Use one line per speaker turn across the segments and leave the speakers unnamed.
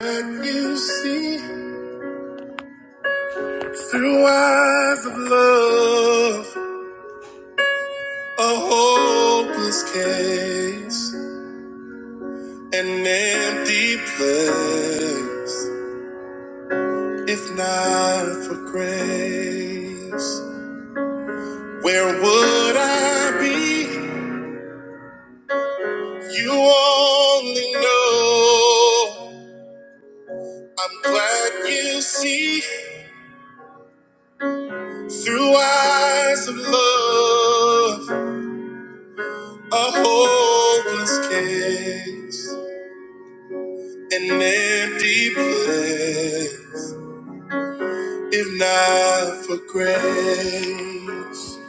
Can you see through eyes of love a hopeless case, an empty place? If not for grace, where would I be? You only know. I'm glad you see through eyes of love a hopeless case. an empty place if not for grace.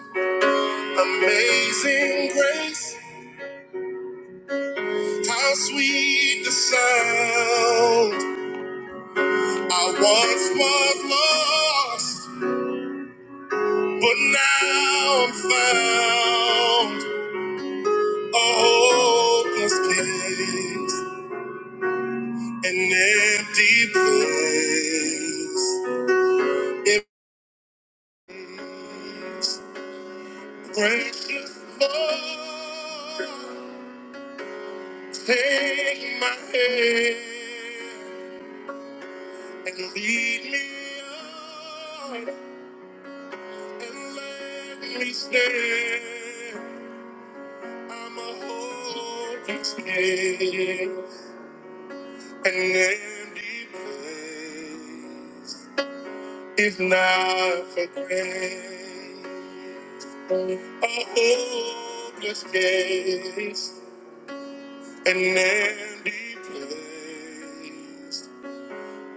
Amazing grace, how sweet the sound. I once was lost, but now I'm found. A hopeless case, an empty place. If precious Lord. Take my hand and lead me on and let me stand. I'm a holding still, an empty place. If not for grace, a hopeless case, an empty place.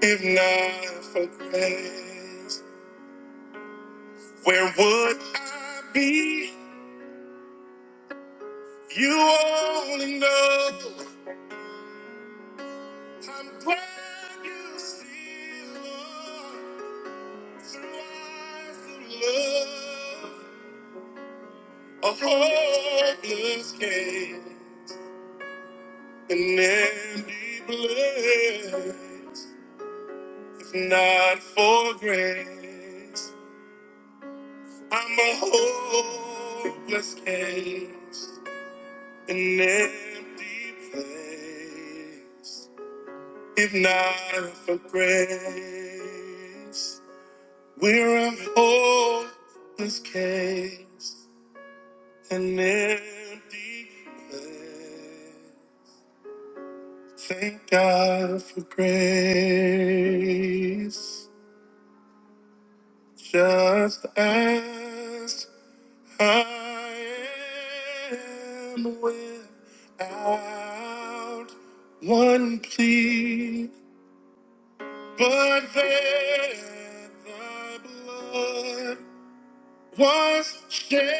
If not for grace, where would I be? You only know. I'm glad you see, Lord, through eyes of love, a hopeless case, an empty place. If not for grace, I'm a hopeless case. an empty place. If not for grace, we're a hopeless case, an empty place. Thank God for grace. Just as I am without one plea. But there the blood was shed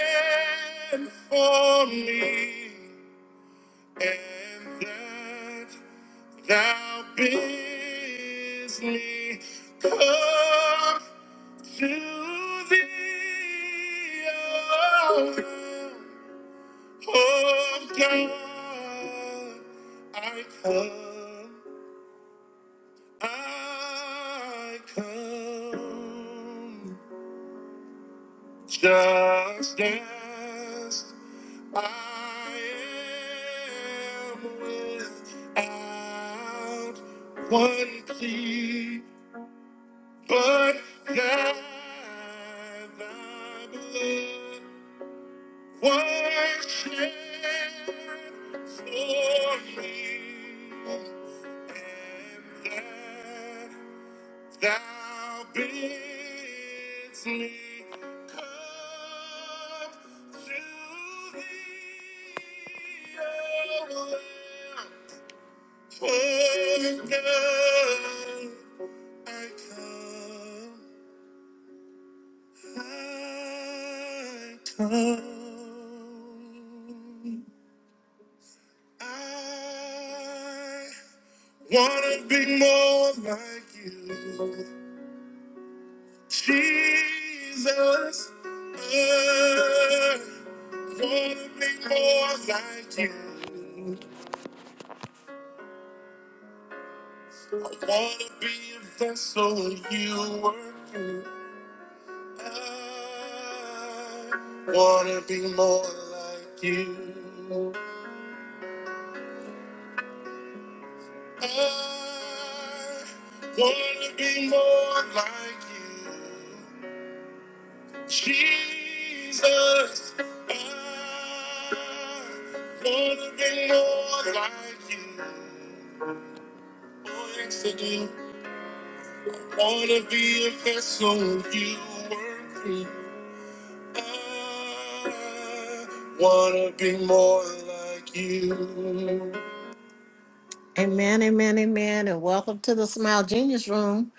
for me, and that thou bidst me come to thee, O Lamb of God. I come, I come. Just as I am without one plea, but that thy blood was shed for me, and that Thou bids me come to thee, O Lamb. For none I come, I come. I wanna be more like you. Jesus, I wanna be more like you. I wanna be a vessel of you work through. I wanna be more like you. I wanna be more like you. Jesus, I wanna be more like you. Oh, yes, I do. Wanna be a vessel you work through. I wanna be more like you. Amen, amen, amen, and welcome to the Smile Genius Room,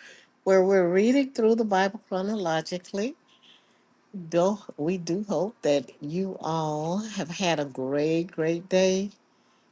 where we're reading through the Bible chronologically. do we do hope that you all have had a great, great day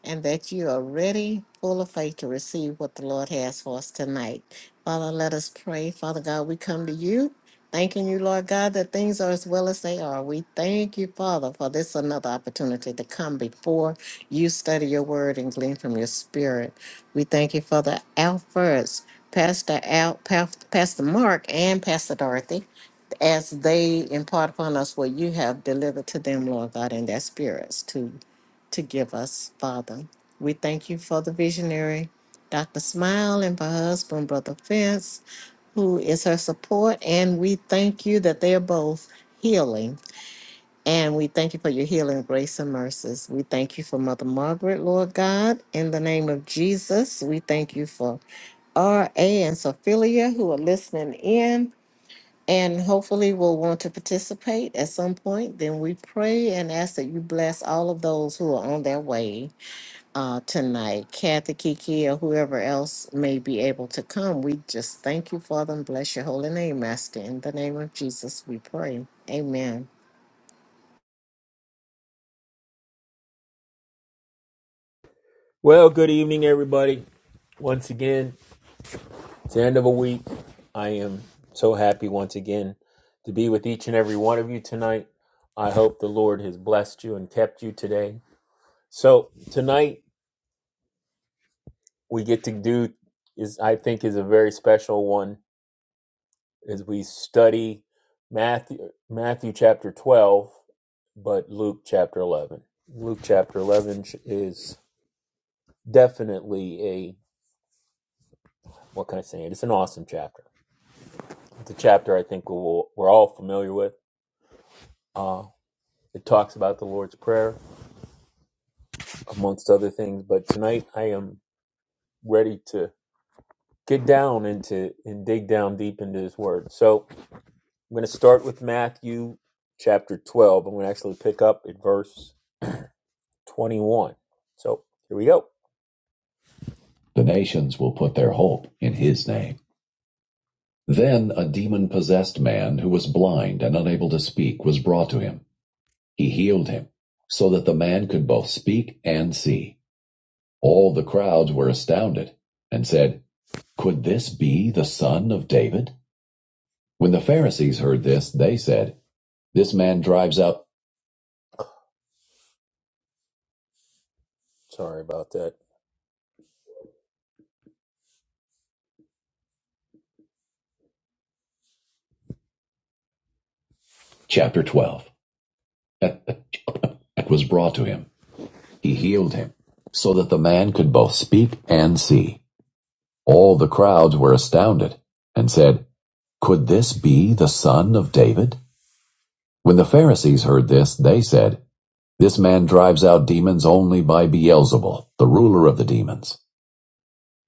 and that you are ready, full of faith to receive what the Lord has for us tonight. Father, let us pray. Father God, we come to you, thanking you, Lord God, that things are as well as they are. We thank you, Father, for this another opportunity to come before you, study your word, and glean from your spirit. We thank you for the Alphas, Pastor Al, Pa- Pastor Mark, and Pastor Dorothy. As they impart upon us what you have delivered to them, Lord God, in their spirits, too to give us, Father. We thank you for the visionary, Dr. Smile, and for her husband, Brother Fence, who is her support. And we thank you that they are both healing. And we thank you for your healing grace and mercies. We thank you for Mother Margaret, Lord God. In the name of Jesus, we thank you for RA and Sophelia who are listening in and hopefully will want to participate at some point, then we pray and ask that you bless all of those who are on their way uh, tonight. Kathy, Kiki, or whoever else may be able to come, we just thank you, Father, and bless your holy name, Master. In the name of Jesus, we pray. Amen.
Well, good evening, everybody. Once again, it's the end of a week. I am so happy once again to be with each and every one of you tonight. I hope the Lord has blessed you and kept you today. So tonight we get to do is I think is a very special one as we study Matthew Matthew chapter 12 but Luke chapter 11. Luke chapter 11 is definitely a what can I say? It's an awesome chapter It's a chapter I think we'll, we're all familiar with. Uh, it talks about the Lord's Prayer, amongst other things. But tonight I am ready to get down into and dig down deep into His Word. So I'm going to start with Matthew chapter 12. I'm going to actually pick up at verse 21. So here we go. The nations will put their hope in His name. Then a demon possessed man who was blind and unable to speak was brought to him. He healed him, so that the man could both speak and see. All the crowds were astounded, and said, Could this be the son of David? When the Pharisees heard this, they said, This man drives out Sorry about that. chapter 12 was brought to him he healed him so that the man could both speak and see all the crowds were astounded and said could this be the son of david when the pharisees heard this they said This man drives out demons only by Beelzebul, the ruler of the demons.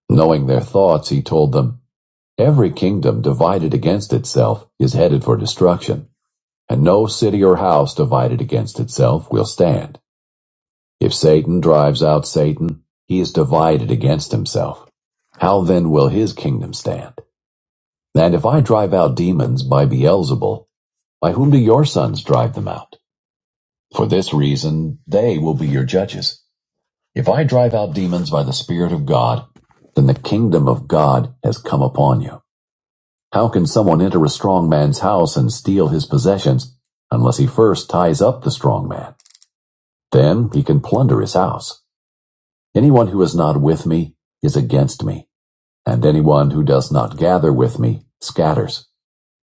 Knowing their thoughts, he told them, Every kingdom divided against itself is headed for destruction, and no city or house divided against itself will stand. If Satan drives out Satan, he is divided against himself. How then will his kingdom stand? And if I drive out demons by Beelzebul, by whom do your sons drive them out? For this reason, they will be your judges. If I drive out demons by the Spirit of God, then the kingdom of God has come upon you. How can someone enter a strong man's house and steal his possessions unless he first ties up the strong man? Then he can plunder his house. Anyone who is not with me is against me, and anyone who does not gather with me scatters.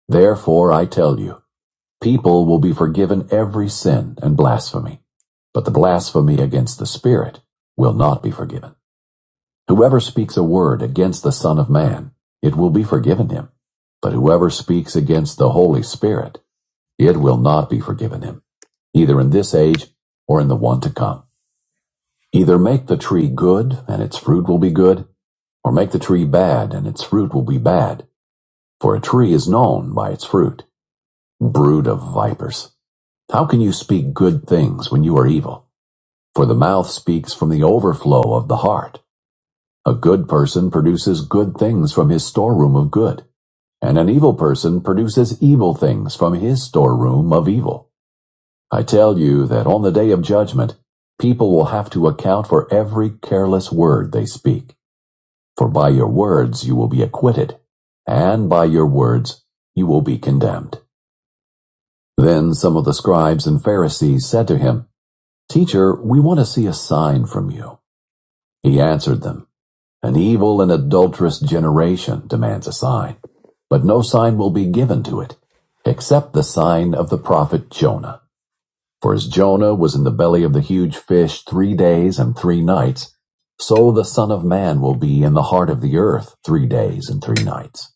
Therefore I tell you, people will be forgiven every sin and blasphemy, but the blasphemy against the Spirit will not be forgiven. Whoever speaks a word against the Son of Man, it will be forgiven him. But whoever speaks against the Holy Spirit, it will not be forgiven him, either in this age or in the one to come. Either make the tree good, and its fruit will be good, or make the tree bad, and its fruit will be bad. For a tree is known by its fruit. Brood of vipers. How can you speak good things when you are evil? For the mouth speaks from the overflow of the heart. A good person produces good things from his storeroom of good, and an evil person produces evil things from his storeroom of evil. I tell you that on the day of judgment, people will have to account for every careless word they speak. For by your words you will be acquitted, and by your words you will be condemned. Then some of the scribes and Pharisees said to him, Teacher, we want to see a sign from you. He answered them. An evil and adulterous generation demands a sign, but no sign will be given to it, except the sign of the prophet Jonah. For as Jonah was in the belly of the huge fish three days and three nights, so the Son of Man will be in the heart of the earth three days and three nights.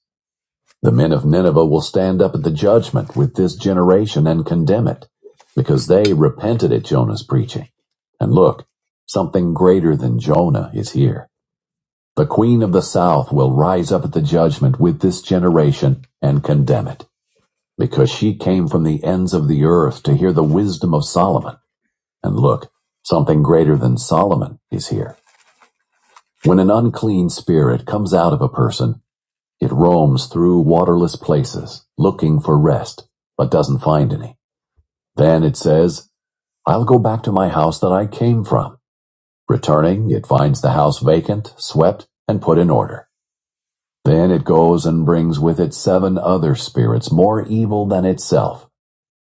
The men of Nineveh will stand up at the judgment with this generation and condemn it, because they repented at Jonah's preaching. And look, something greater than Jonah is here. The queen of the south will rise up at the judgment with this generation and condemn it, because she came from the ends of the earth to hear the wisdom of Solomon. And look, something greater than Solomon is here. When an unclean spirit comes out of a person, it roams through waterless places, looking for rest, but doesn't find any. Then it says, I'll go back to my house that I came from. Returning, it finds the house vacant, swept, and put in order. Then it goes and brings with it seven other spirits more evil than itself,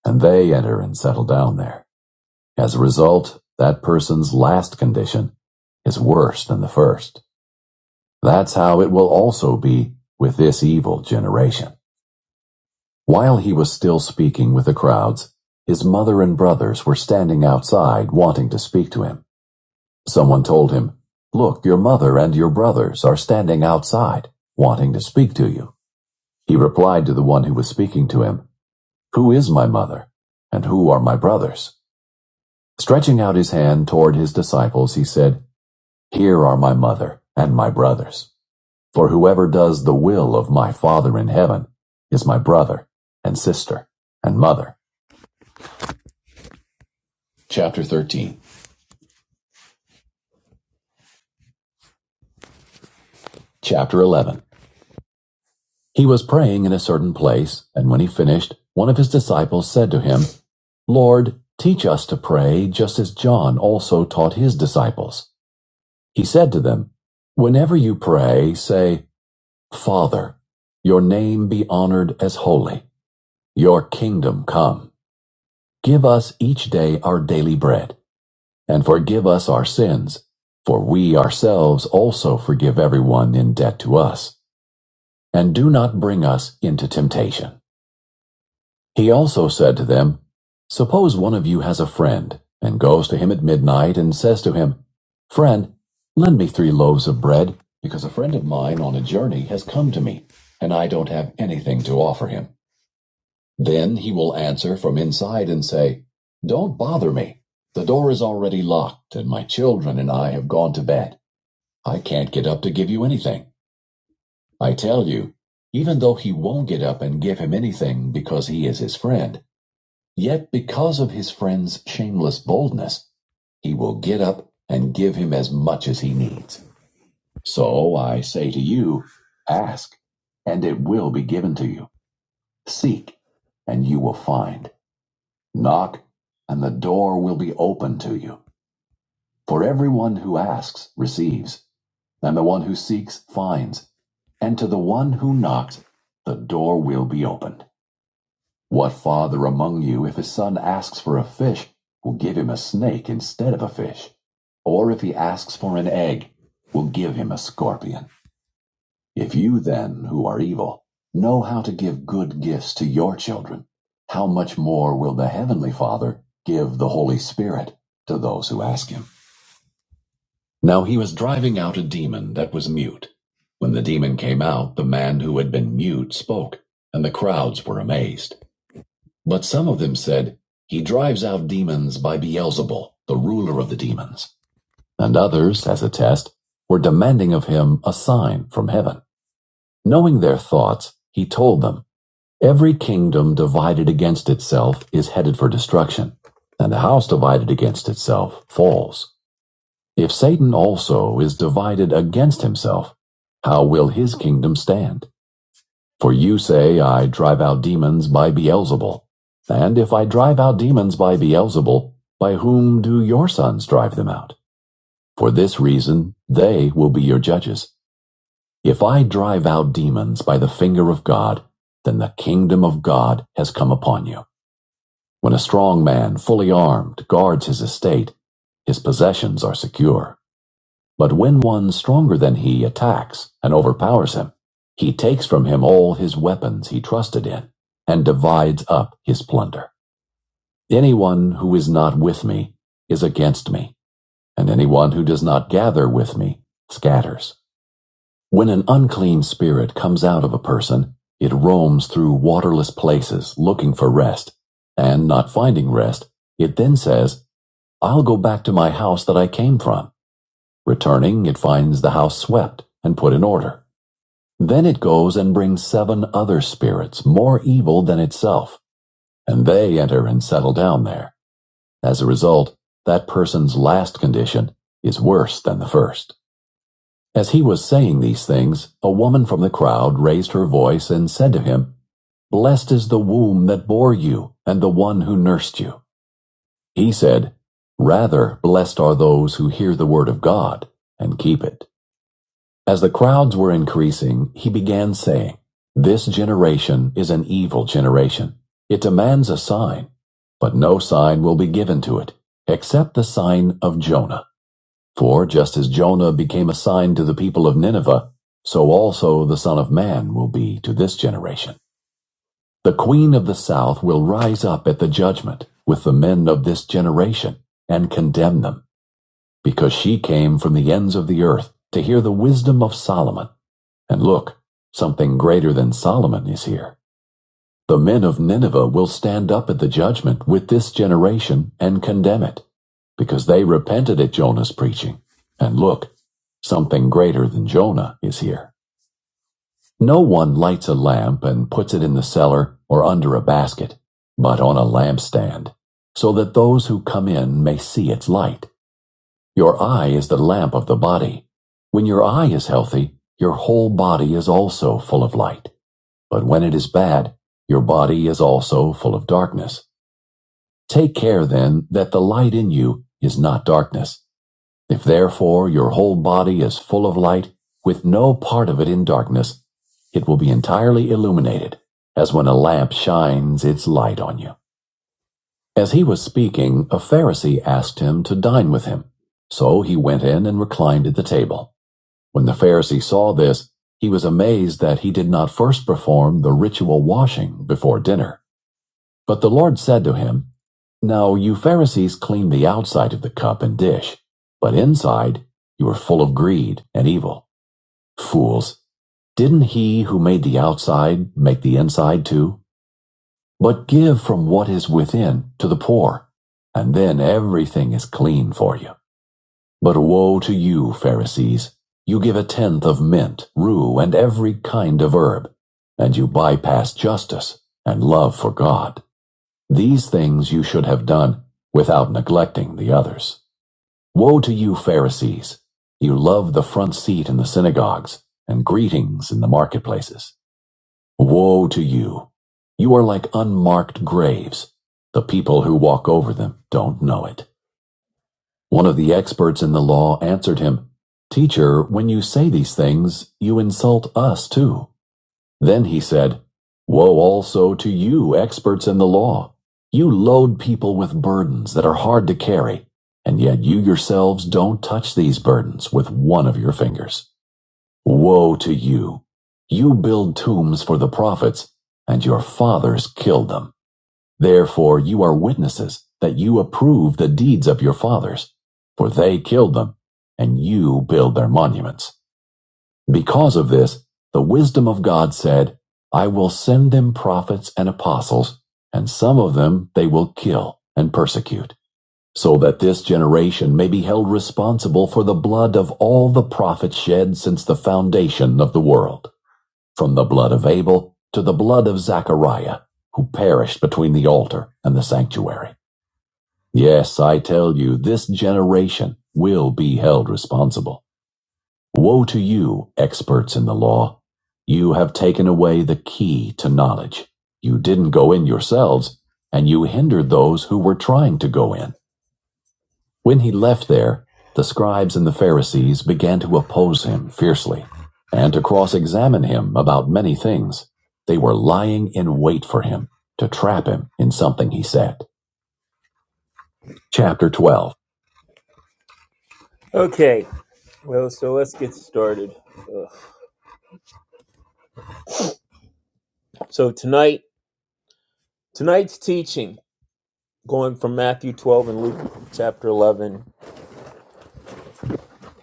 and they enter and settle down there. As a result, that person's last condition is worse than the first. That's how it will also be with this evil generation. While he was still speaking with the crowds, his mother and brothers were standing outside wanting to speak to him. Someone told him, Look, your mother and your brothers are standing outside wanting to speak to you. He replied to the one who was speaking to him, Who is my mother? And who are my brothers? Stretching out his hand toward his disciples, he said, Here are my mother and my brothers. For whoever does the will of my Father in heaven is my brother and sister and mother. Chapter 13. Chapter 11. He was praying in a certain place, and when he finished, one of his disciples said to him, Lord, teach us to pray just as John also taught his disciples. He said to them, Whenever you pray, say, 'Father, your name be honored as holy, your kingdom come. Give us each day our daily bread, and forgive us our sins, for we ourselves also forgive everyone in debt to us. And do not bring us into temptation. He also said to them, Suppose one of you has a friend, and goes to him at midnight and says to him, Friend, lend me three loaves of bread, because a friend of mine on a journey has come to me, and I don't have anything to offer him. Then he will answer from inside and say, Don't bother me. The door is already locked, and my children and I have gone to bed. I can't get up to give you anything. I tell you, even though he won't get up and give him anything because he is his friend, Yet because of his friend's shameless boldness, he will get up and give him as much as he needs. So I say to you, ask, and it will be given to you. Seek, and you will find. Knock, and the door will be open to you. For everyone who asks receives, and the one who seeks finds, and to the one who knocks, the door will be opened. What father among you, if his son asks for a fish, will give him a snake instead of a fish? Or if he asks for an egg, will give him a scorpion? If you then, who are evil, know how to give good gifts to your children, how much more will the Heavenly Father give the Holy Spirit to those who ask him? Now he was driving out a demon that was mute. When the demon came out, the man who had been mute spoke, and the crowds were amazed. But some of them said, He drives out demons by Beelzebul, the ruler of the demons. And others, as a test, were demanding of him a sign from heaven. Knowing their thoughts, he told them, Every kingdom divided against itself is headed for destruction, and the house divided against itself falls. If Satan also is divided against himself, how will his kingdom stand? For you say, I drive out demons by Beelzebul. And if I drive out demons by Beelzebul, by whom do your sons drive them out? For this reason, they will be your judges. If I drive out demons by the finger of God, then the kingdom of God has come upon you. When a strong man, fully armed, guards his estate, his possessions are secure. But when one stronger than he attacks and overpowers him, he takes from him all his weapons he trusted in, and divides up his plunder. Anyone who is not with me is against me, and anyone who does not gather with me scatters. When an unclean spirit comes out of a person, it roams through waterless places looking for rest, and not finding rest, it then says, I'll go back to my house that I came from. Returning, it finds the house swept and put in order. Then it goes and brings seven other spirits, more evil than itself, and they enter and settle down there. As a result, that person's last condition is worse than the first. As he was saying these things, a woman from the crowd raised her voice and said to him, Blessed is the womb that bore you, and the one who nursed you. He said, Rather, blessed are those who hear the word of God and keep it. As the crowds were increasing, he began saying, This generation is an evil generation. It demands a sign, but no sign will be given to it, except the sign of Jonah. For just as Jonah became a sign to the people of Nineveh, so also the Son of Man will be to this generation. The Queen of the South will rise up at the judgment with the men of this generation and condemn them because she came from the ends of the earth to hear the wisdom of Solomon. And look, something greater than Solomon is here. The men of Nineveh will stand up at the judgment with this generation and condemn it, because they repented at Jonah's preaching. And look, something greater than Jonah is here. No one lights a lamp and puts it in the cellar or under a basket, but on a lampstand, so that those who come in may see its light. Your eye is the lamp of the body. When your eye is healthy, your whole body is also full of light. But when it is bad, your body is also full of darkness. Take care then that the light in you is not darkness. If therefore your whole body is full of light, with no part of it in darkness, it will be entirely illuminated, as when a lamp shines its light on you. As he was speaking, a Pharisee asked him to dine with him. So he went in and reclined at the table. When the Pharisee saw this, he was amazed that he did not first perform the ritual washing before dinner. But the Lord said to him, Now you Pharisees clean the outside of the cup and dish, but inside you are full of greed and evil. Fools, didn't he who made the outside make the inside too? But give from what is within to the poor, and then everything is clean for you. But woe to you, Pharisees! You give a tenth of mint, rue, and every kind of herb, and you bypass justice and love for God. These things you should have done without neglecting the others. Woe to you, Pharisees! You love the front seat in the synagogues and greetings in the marketplaces. Woe to you! You are like unmarked graves. The people who walk over them don't know it. One of the experts in the law answered him, Teacher, when you say these things, you insult us too. Then he said, Woe also to you, experts in the law. You load people with burdens that are hard to carry, and yet you yourselves don't touch these burdens with one of your fingers. Woe to you! You build tombs for the prophets, and your fathers killed them. Therefore you are witnesses that you approve the deeds of your fathers, for they killed them, and you build their monuments. Because of this, the wisdom of God said, I will send them prophets and apostles, and some of them they will kill and persecute so that this generation may be held responsible for the blood of all the prophets shed since the foundation of the world, from the blood of Abel to the blood of Zachariah, who perished between the altar and the sanctuary. Yes, I tell you, this generation will be held responsible. Woe to you, experts in the law! You have taken away the key to knowledge. You didn't go in yourselves, and you hindered those who were trying to go in. When he left there, the scribes and the Pharisees began to oppose him fiercely and to cross examine him about many things. They were lying in wait for him to trap him in something he said. Chapter 12. Okay, well, so let's get started. Ugh. So tonight, tonight's teaching, going from Matthew 12 and Luke chapter 11,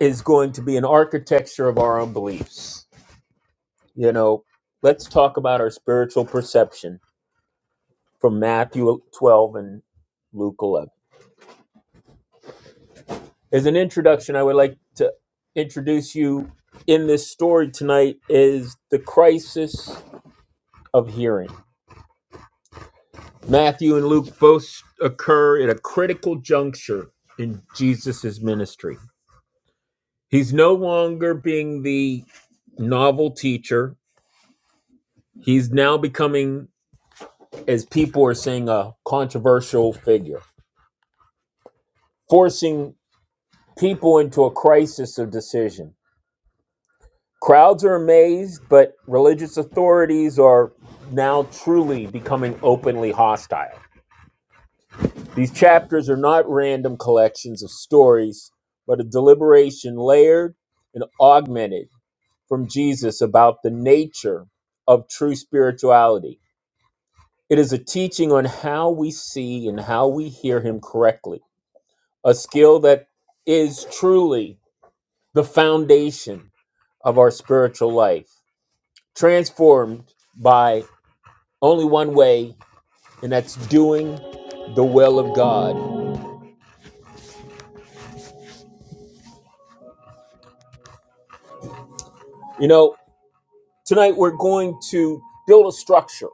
is going to be an architecture of our own beliefs. You know, let's talk about our spiritual perception from Matthew 12 and Luke 11. As an introduction, I would like to introduce you in this story tonight is the crisis of hearing. Matthew and Luke both occur at a critical juncture in Jesus's ministry. He's no longer being the novel teacher. He's now becoming, as people are saying, a controversial figure, forcing people into a crisis of decision Crowds are amazed, but religious authorities are now truly becoming openly hostile. These chapters are not random collections of stories, but a deliberation layered and augmented from Jesus about the nature of true spirituality. It is a teaching on how we see and how we hear Him correctly, a skill that is truly the foundation of our spiritual life, transformed by Only one way, and that's doing the will of God. You know, tonight we're going to build a structure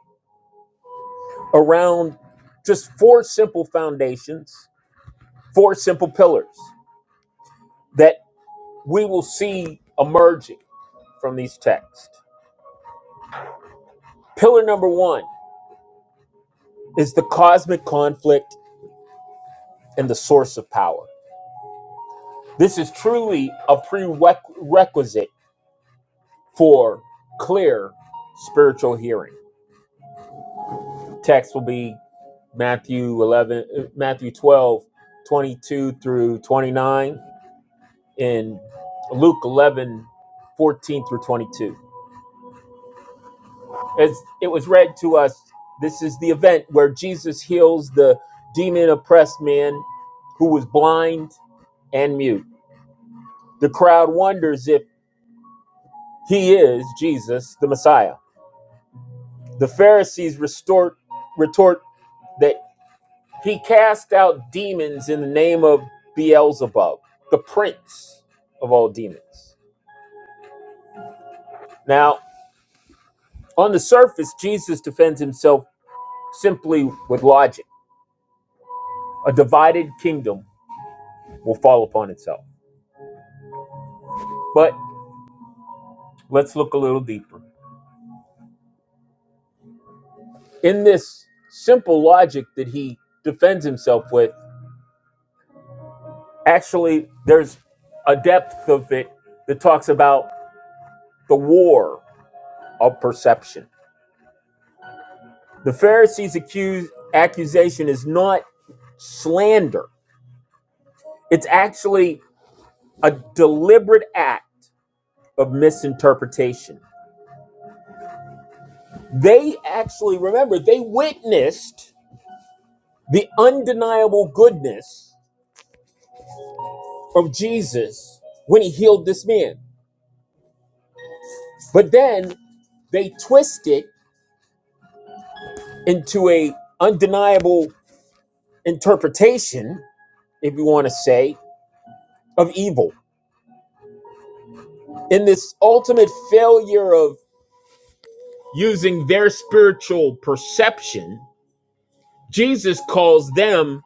around just four simple foundations, four simple pillars that we will see emerging from these texts. Pillar number one is the cosmic conflict and the source of power. This is truly a prerequisite for clear spiritual hearing. Text will be Matthew 11, uh, Matthew 12, 22 through 29, and Luke 11, 14 through 22. As it was read to us, this is the event where Jesus heals the demon oppressed man who was blind and mute. The crowd wonders if he is Jesus, the Messiah. The Pharisees restort, retort that. He cast out demons in the name of Beelzebub, the prince of all demons. Now, on the surface, Jesus defends himself simply with logic. A divided kingdom will fall upon itself. But let's look a little deeper. In this simple logic that he defends himself with, actually, there's a depth of it that talks about the war of perception. The Pharisees' accuse, accusation is not slander. It's actually a deliberate act of misinterpretation. They actually, remember, they witnessed the undeniable goodness of Jesus when he healed this man. But then they twist it into a undeniable interpretation, if you want to say, of evil. In this ultimate failure of using their spiritual perception, Jesus calls them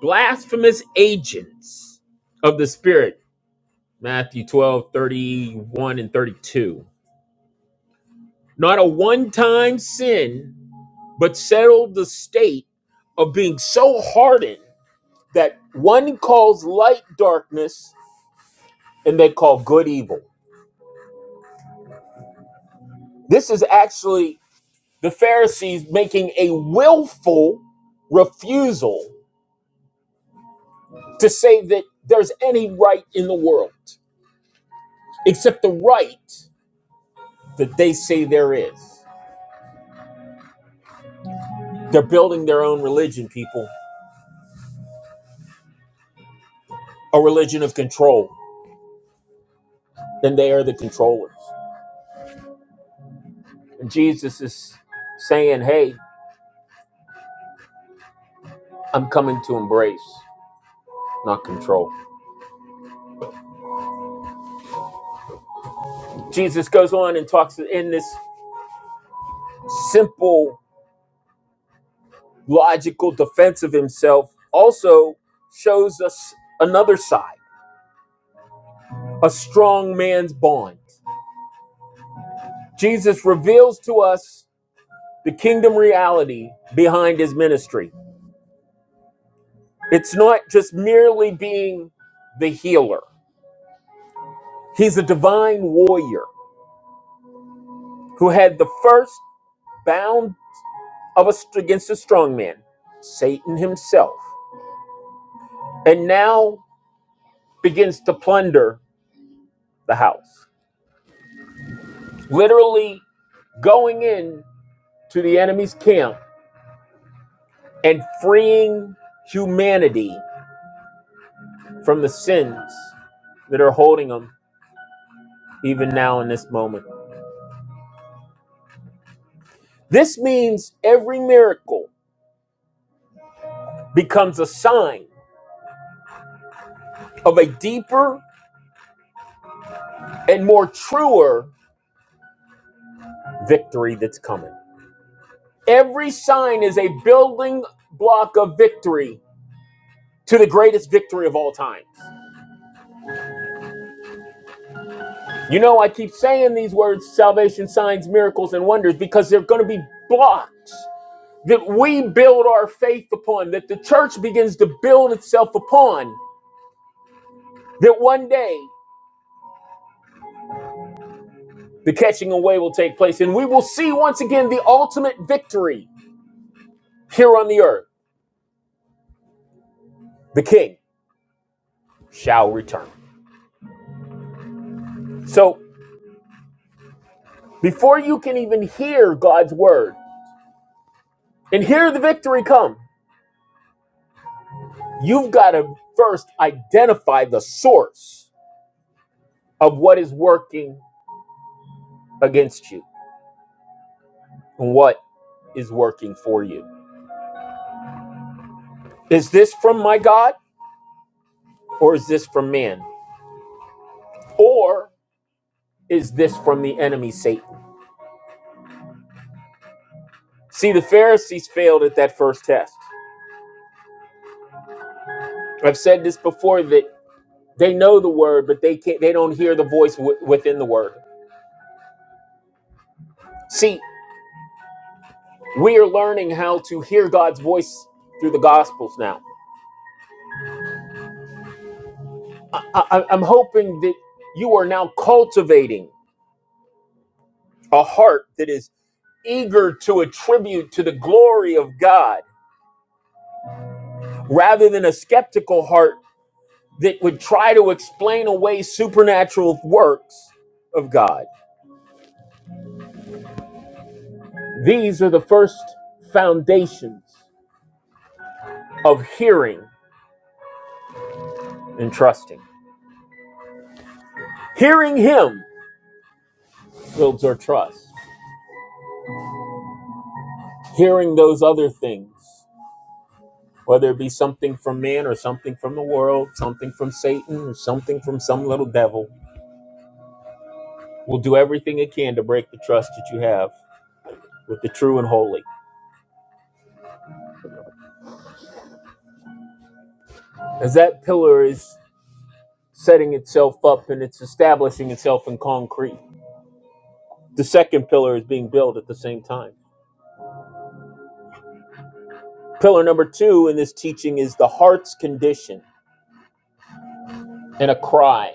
blasphemous agents of the Spirit. Matthew 12 31 and 32. Not a one time sin, but settled the state of being so hardened that one calls light darkness and they call good evil. This is actually the Pharisees making a willful refusal to say that there's any right in the world, except the right that they say there is. They're building their own religion, people, a religion of control. Then they are the controllers. And Jesus is saying, Hey, I'm coming to embrace, not control. Jesus goes on and talks in this simple, logical defense of himself, also shows us another side, a strong man's bond. Jesus reveals to us the kingdom reality behind his ministry. It's not just merely being the healer. He's a divine warrior who had the first bound of us against a strong man, Satan himself, and now begins to plunder the house. Literally going in to the enemy's camp and freeing humanity from the sins that are holding them even now in this moment. This means every miracle becomes a sign of a deeper and more truer victory that's coming. Every sign is a building block of victory to the greatest victory of all time. You know, I keep saying these words salvation, signs, miracles, and wonders because they're going to be blocks that we build our faith upon, that the church begins to build itself upon, that one day the catching away will take place and we will see once again the ultimate victory here on the earth. The king shall return. So, before you can even hear God's word and hear the victory come, You've got to first identify the source of what is working against you and what is working for you. Is this from my God or is this from man? Or is this from the enemy Satan? See, the Pharisees failed at that first test. I've said this before that they know the word, but they can't they don't hear the voice w- within the word. See, we are learning how to hear God's voice through the gospels now I, I- am hoping that you are now cultivating a heart that is eager to attribute to the glory of God rather than a skeptical heart that would try to explain away supernatural works of God. These are the first foundations of hearing and trusting. Hearing Him builds our trust, hearing those other things whether it be something from man or something from the world, something from Satan or something from some little devil, will do everything it can to break the trust that you have with the true and holy. As that pillar is setting itself up and it's establishing itself in concrete, the second pillar is being built at the same time. Pillar number two in this teaching is the heart's condition and a cry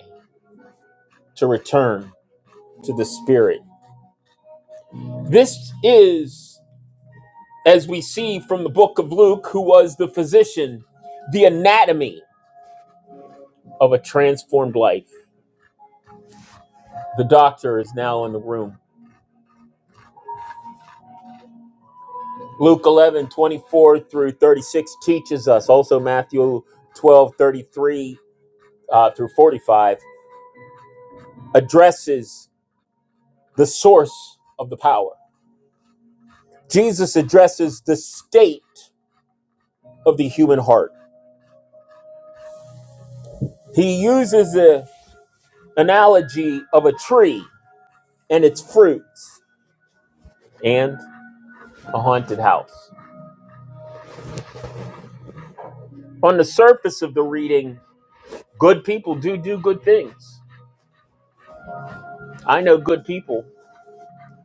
to return to the spirit. This is as we see from the book of Luke, who was the physician, the anatomy of a transformed life. The doctor is now in the room. Luke 11 24 through 36 teaches us, also Matthew 12 33 uh, through 45, addresses the source of the power. Jesus addresses the state of the human heart. He uses the analogy of a tree and its fruits and a haunted house. On the surface of the reading, good people do do good things. I know good people,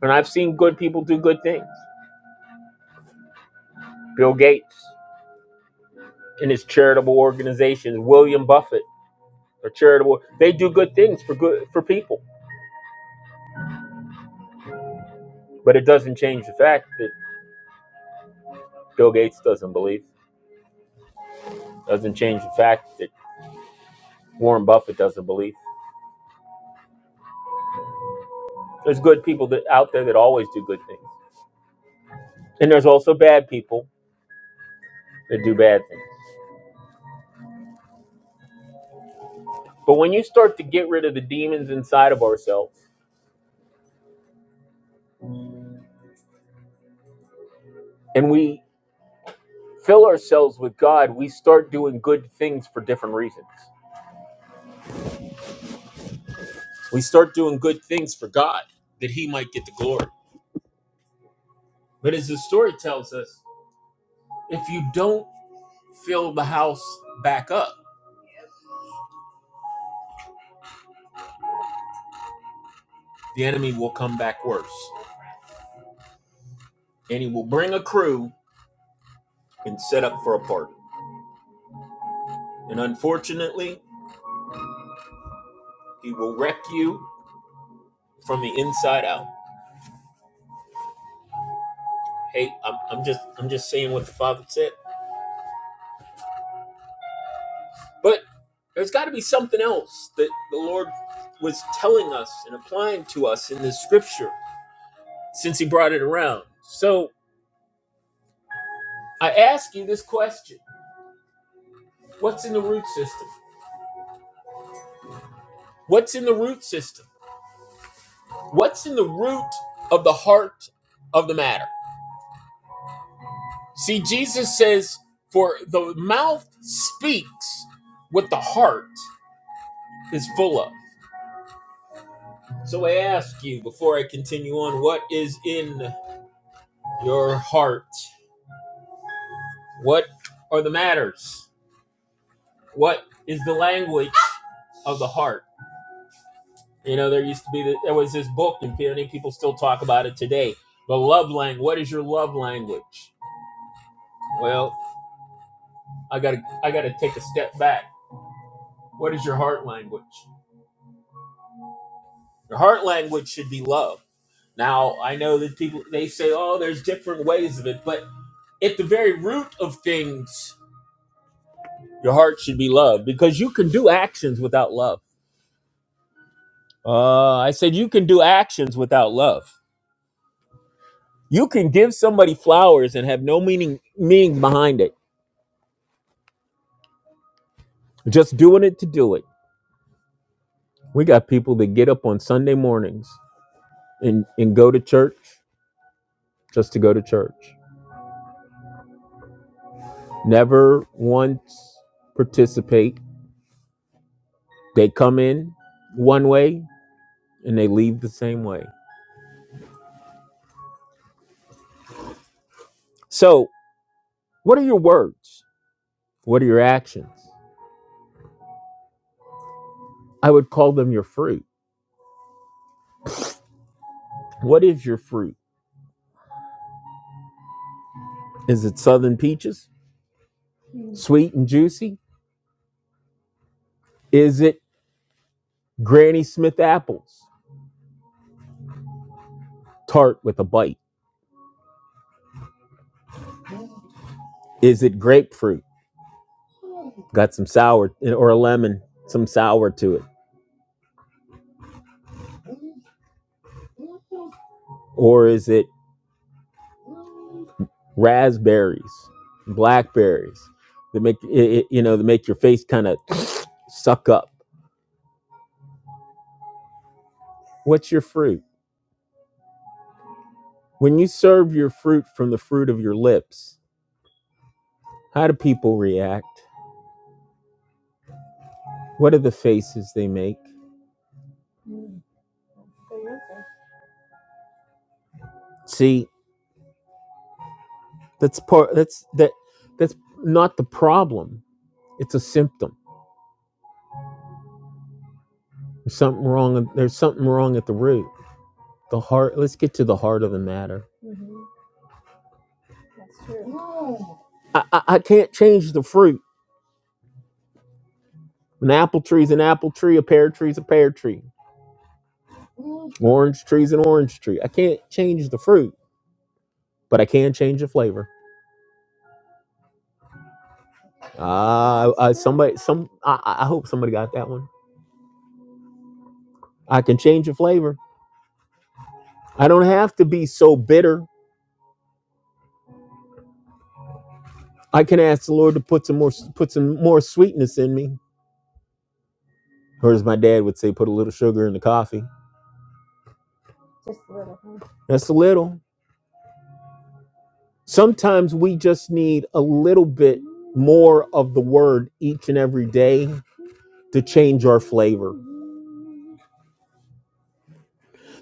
and I've seen good people do good things. Bill Gates and his charitable organizations, William Buffett, are charitable. They do good things for good for people, but it doesn't change the fact that Bill Gates doesn't believe. Doesn't change the fact that Warren Buffett doesn't believe. There's good people that, out there that always do good things, and there's also bad people that do bad things. But when you start to get rid of the demons inside of ourselves, and we fill ourselves with God, we start doing good things for different reasons. We start doing good things for God that He might get the glory. But as the story tells us, if you don't fill the house back up, the enemy will come back worse. And he will bring a crew and set up for a party. And unfortunately, he will wreck you from the inside out. Hey, I'm, I'm just I'm just saying what the father said. But there's got to be something else that the Lord was telling us and applying to us in this scripture since He brought it around. So I ask you this question What's in the root system? What's in the root system? What's in the root of the heart of the matter? See, Jesus says, For the mouth speaks what the heart is full of. So I ask you before I continue on, what is in your heart? What are the matters? What is the language of the heart? You know, there used to be the, there was this book, and I think people still talk about it today. The love language. What is your love language? Well, I gotta I gotta take a step back. What is your heart language? Your heart language should be love. Now I know that people they say, oh, there's different ways of it, but at the very root of things, your heart should be love because you can do actions without love Uh, I said you can do actions without love. You can give somebody flowers and have no meaning meaning behind it. Just doing it to do it. We got people that get up on Sunday mornings and, and go to church just to go to church. Never once participate. They come in one way and they leave the same way. So, what are your words? What are your actions? I would call them your fruit. What is your fruit? Is it southern peaches? Sweet and juicy? Is it Granny Smith apples? Tart with a bite. Is it grapefruit? Got some sour or a lemon, some sour to it. Or is it raspberries, blackberries that make it, you know that make your face kind of suck up? What's your fruit? When you serve your fruit from the fruit of your lips, how do people react? What are the faces they make? See, that's part. That's that. That's not the problem. It's a symptom There's something wrong. There's something wrong at the root. The heart. Let's get to the heart of the matter. I, I, I can't change the fruit. An apple tree's an apple tree. A pear tree's a pear tree. Orange tree's an orange tree. I can't change the fruit, but I can change the flavor. Ah, I somebody, some. I I hope somebody got that one. I can change the flavor. I don't have to be so bitter. I can ask the Lord to put some more, put some more sweetness in me, or as my dad would say, put a little sugar in the coffee. That's a little. Sometimes we just need a little bit more of the word each and every day to change our flavor.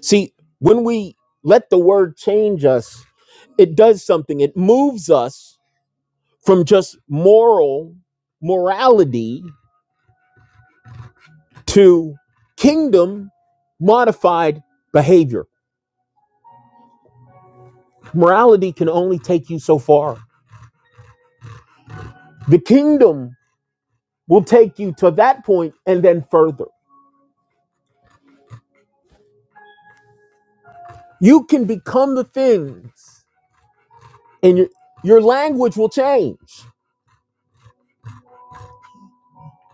See, when we let the word change us, it does something. It moves us from just moral morality to kingdom modified behavior. Morality can only take you so far. The kingdom will take you to that point and then further. You can become the things and your, your language will change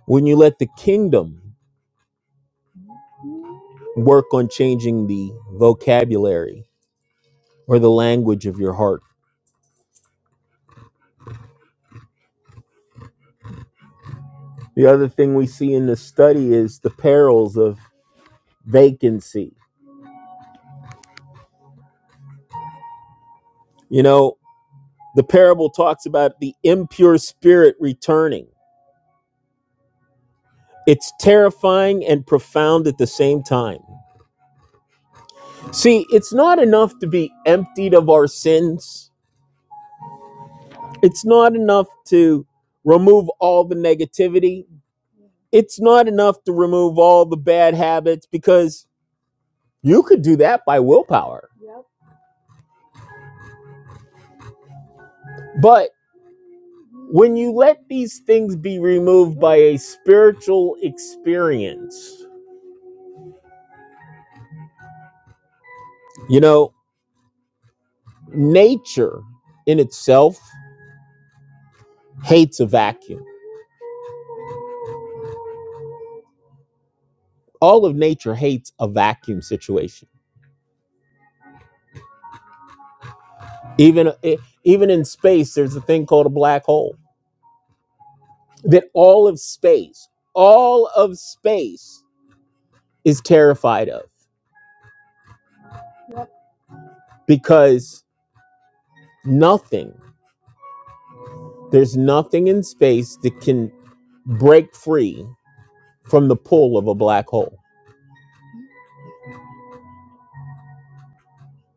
when you let the kingdom work on changing the vocabulary or the language of your heart. The other thing we see in this study is the perils of vacancy. You know, the parable talks about the impure spirit returning. It's terrifying and profound at the same time. See, it's not enough to be emptied of our sins. It's not enough to remove all the negativity It's not enough to remove all the bad habits because you could do that by willpower. But when you let these things be removed by a spiritual experience, you know, nature in itself hates a vacuum. All of nature hates a vacuum situation. Even eh, even in space there's a thing called a black hole that all of space, all of space is terrified of because nothing There's nothing in space that can break free from the pull of a black hole.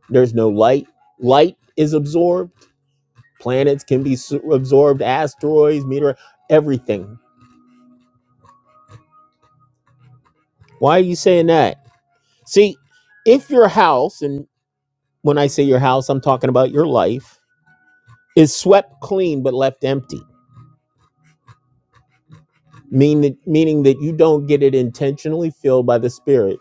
There's no light. Light is absorbed. Planets can be s- absorbed, asteroids, meteor, everything. Why are you saying that? See, if your house, and when I say your house, I'm talking about your life, is swept clean but left empty, mean that, meaning that you don't get it intentionally filled by the Spirit,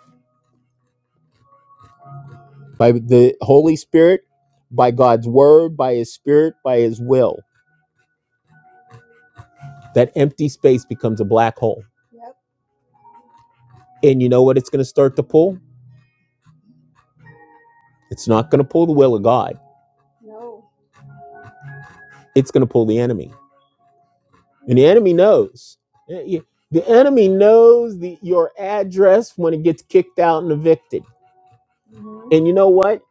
by the Holy Spirit, by God's word, by His Spirit, by His will That empty space becomes a black hole. And you know what it's going to start to pull? It's not going to pull the will of God. It's going to pull the enemy. And the enemy knows. Eh, eh, The enemy knows the, your address when it gets kicked out and evicted. And you know what?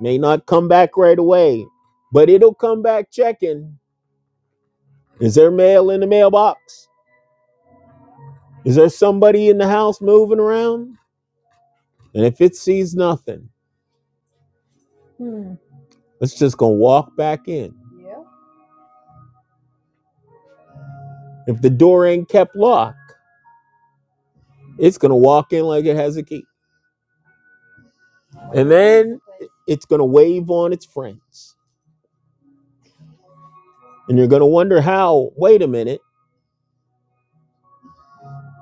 May not come back right away, but it'll come back checking. Is there mail in the mailbox? Is there somebody in the house moving around? And if it sees nothing, it's just going to walk back in. If the door ain't kept locked, It's going to walk in like it has a key. It's going to wave on its friends. And you're going to wonder how, wait a minute,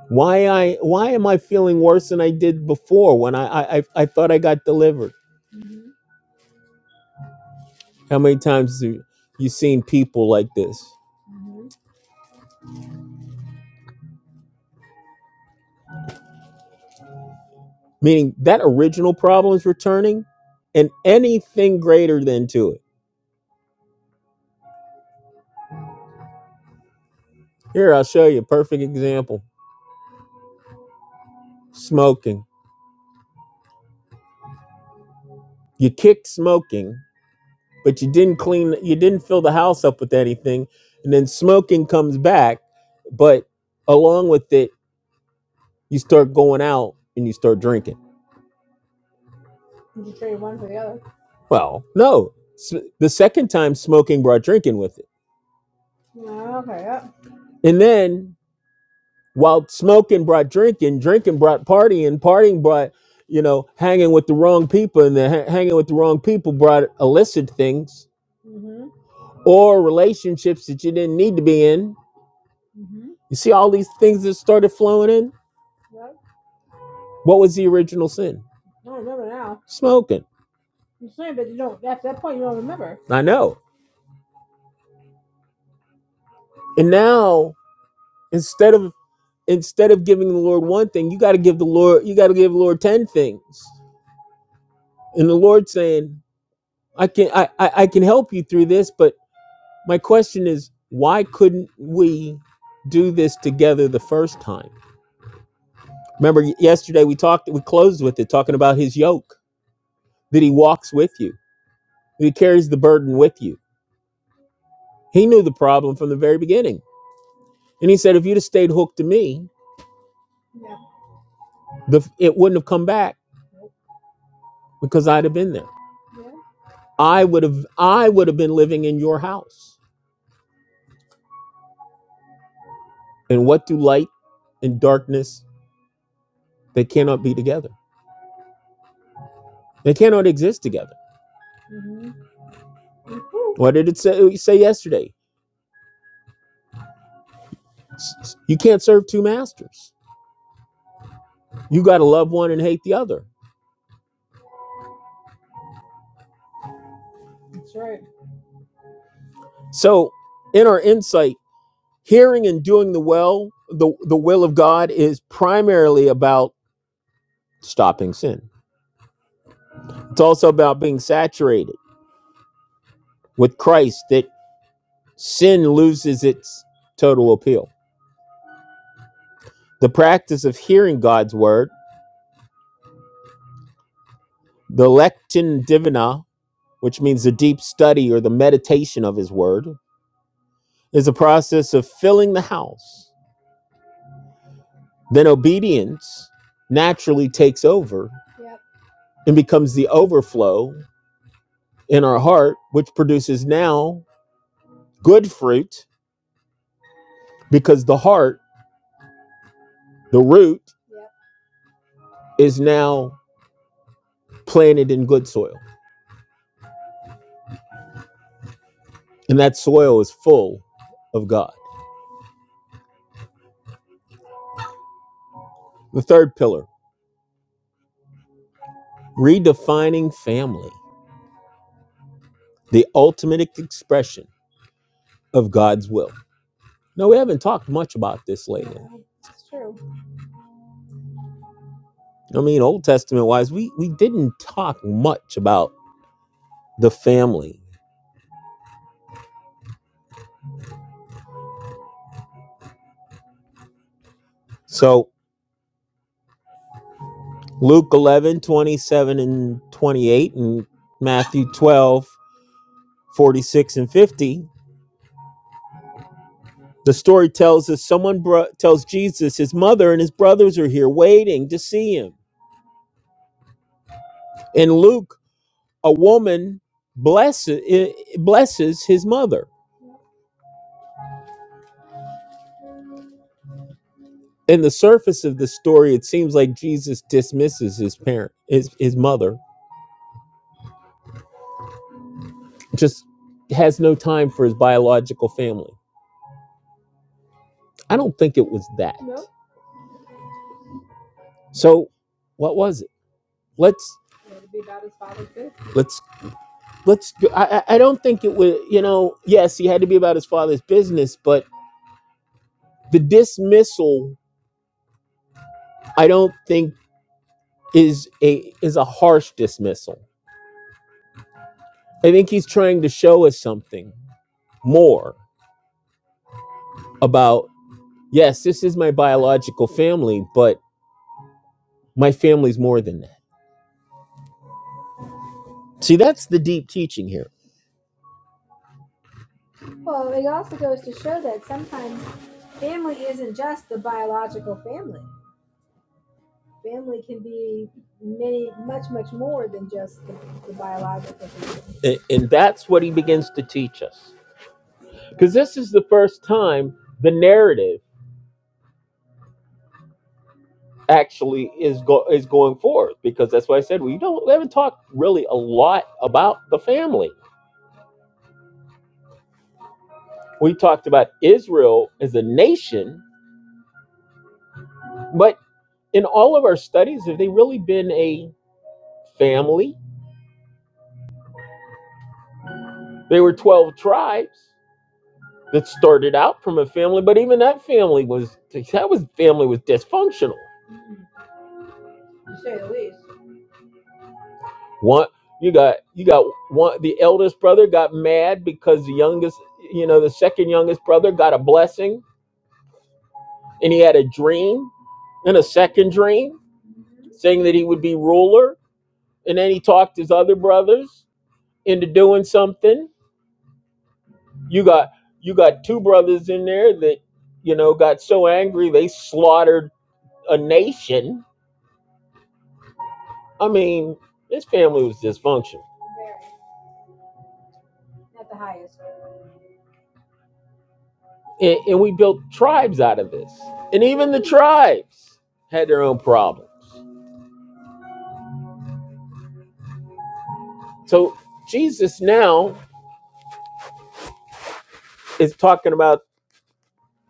why I why am I feeling worse than I did before when I I, I thought I got delivered? How many times have you seen people like this? Meaning that original problem is returning and anything greater than to it. Here, I'll show you a perfect example. Smoking. You kick smoking but you didn't clean you didn't fill the house up with anything and then smoking comes back but along with it you start going out and you start drinking well no S- the second time smoking brought drinking with it and then while smoking brought drinking drinking brought partying partying brought you know hanging with the wrong people and then ha- hanging with the wrong people brought illicit things or relationships that you didn't need to be in you see all these things that started flowing in what was the original sin smoking. I know. And now instead of instead of giving the Lord one thing, you got to give the Lord you got to give the Lord ten things. And the Lord saying, I can I, I I can help you through this, but my question is, why couldn't we do this together the first time? Remember yesterday we talked we closed with it talking about his yoke that he walks with you, that he carries the burden with you. He knew the problem from the very beginning. And he said, if you'd have stayed hooked to me, the, it wouldn't have come back because I'd have been there. I would have I would have been living in your house. And what do light and darkness they cannot be together. They cannot exist together. What did it say, say yesterday? You can't serve two masters. You got to love one and hate the other. So, in our insight, hearing and doing the well, the, the will of God is primarily about stopping sin. It's also about being saturated with Christ that sin loses its total appeal. the practice of hearing God's word, the lectin divina, which means the deep study or the meditation of his word, is a process of filling the house. Then obedience naturally takes over and becomes the overflow in our heart, which produces now good fruit because the heart, the root, is now planted in good soil. And that soil is full of God. The third pillar redefining family. the ultimate expression of God's will. No, we haven't talked much about this lately. I mean, Old Testament wise, we, we didn't talk much about the family. So Luke 11 27 and 28 and Matthew 12 46 and 50, the story tells us someone bro- tells Jesus his mother and his brothers are here waiting to see him. In Luke, a woman blesses, eh, blesses his mother in the surface of the story, it seems like Jesus dismisses his parent, his his mother, just has no time for his biological family. I don't think it was that. So, what was it? Let's let's let's. go- I I I don't think it was. You know, yes, he had to be about his father's business, but the dismissal, I don't think is a is a harsh dismissal. I think he's trying to show us something more about yes, this is my biological family, but My family's more than that. See, that's the deep teaching here. A- And that's what he begins to teach us. Because this is the first time the narrative actually is go- is going forth because that's why I said we don't we haven't talked really a lot about the family. We talked about Israel as a nation, but in all of our studies, have they really been a family? They were 12 tribes that started out from a family, but even that family was that was family was dysfunctional One you got you got one the eldest brother got mad because the youngest you know the second youngest brother got a blessing and he had a dream and a second dream saying that he would be ruler and then he talked his other brothers into doing something. You got you got two brothers in there that you know got so angry they slaughtered a nation. I mean, this family was dysfunctional. and, and we built tribes out of this and even the tribes had their own problems so jesus now is talking about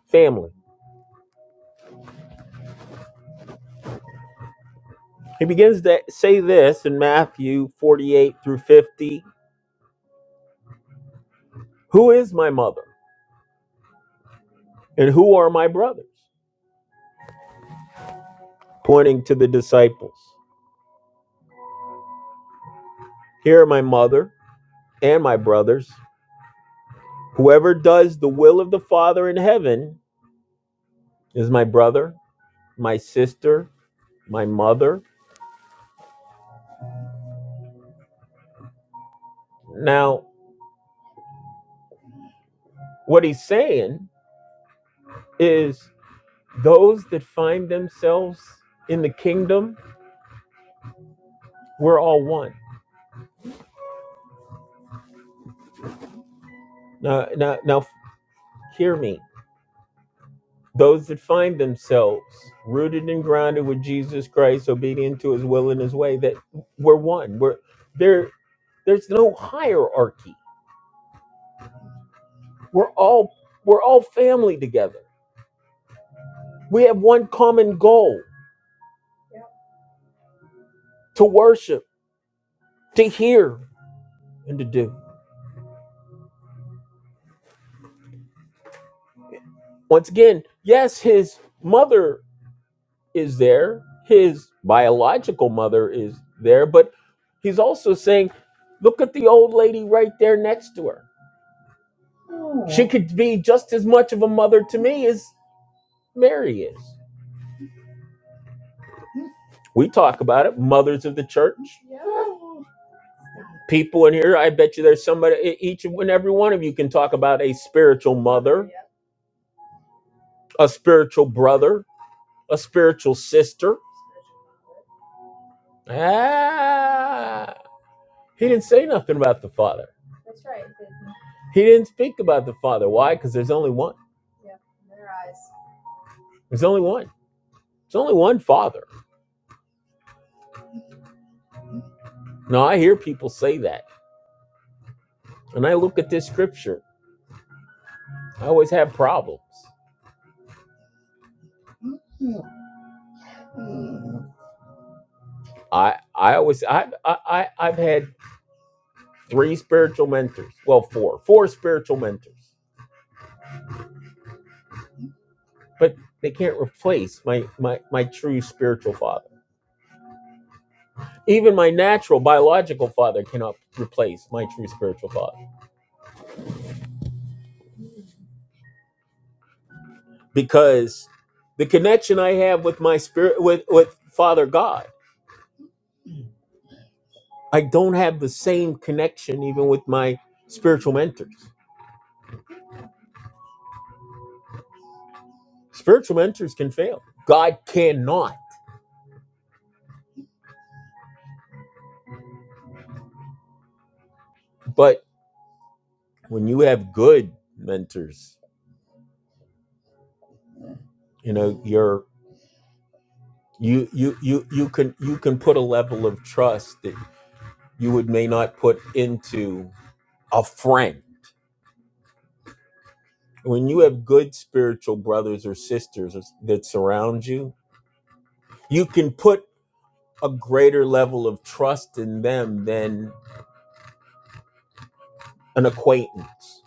family he begins to say this in matthew 48 through 50 who is my mother and who are my brothers pointing to the disciples here are my mother and my brothers whoever does the will of the father in heaven is my brother my sister my mother now what he's saying is those that find themselves in the kingdom, we're all one. Now, now, now hear me. Those that find themselves rooted and grounded with Jesus Christ, obedient to his will and his way, that we're one. We're there there's no hierarchy. We're all we're all family together. We have one common goal to worship, to hear, and to do. Once again, yes, his mother is there, his biological mother is there, but he's also saying, look at the old lady right there next to her. She could be just as much of a mother to me as Mary is. We talk about it, mothers of the church, people in here. I bet you there's somebody, e- each and every one of you can talk about a spiritual mother, a spiritual brother, a spiritual sister. Ah, he didn't say nothing about the father. He didn't speak about the father. Why? Because there's only one. There's only one. There's only one Father. Now, I hear people say that, and I look at this scripture. I always have problems. I I always I I I- I've had three spiritual mentors. Well, four four spiritual mentors, but they can't replace my my my true spiritual father. Even my natural biological father cannot replace my true spiritual father because the connection I have with my spirit with with Father God, I don't have the same connection even with my spiritual mentors. Spiritual mentors can fail. God cannot. But when you have good mentors, you know, you're you you you you can you can put a level of trust that you would may not put into a friend. When you have good spiritual brothers or sisters that surround you, you can put a greater level of trust in them than an acquaintance.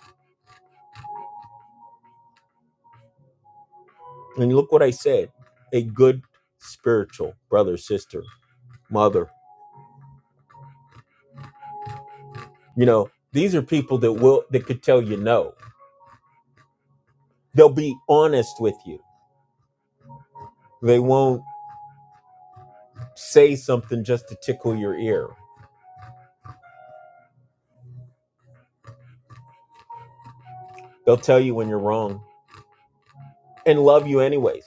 And look what I said, a good spiritual brother, sister, mother, You know, these are people that will that could tell you no. They'll be honest with you. They won't say something just to tickle your ear. They'll tell you when you're wrong and love you anyways.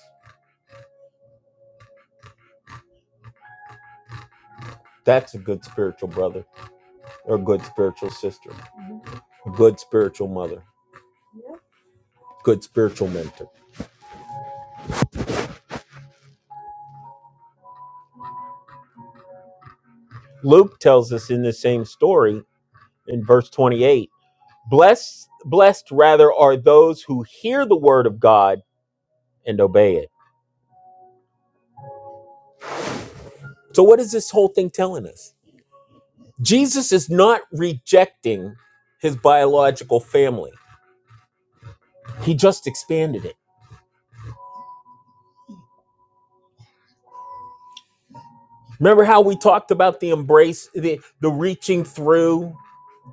That's a good spiritual brother or a good spiritual sister, a good spiritual mother, good spiritual mentor. Luke tells us in the same story in verse 28, blessed blessed rather are those who hear the word of God and obey it. So what is this whole thing telling us? Jesus is not rejecting his biological family. He just expanded it. Remember how we talked about the embrace, the, the reaching through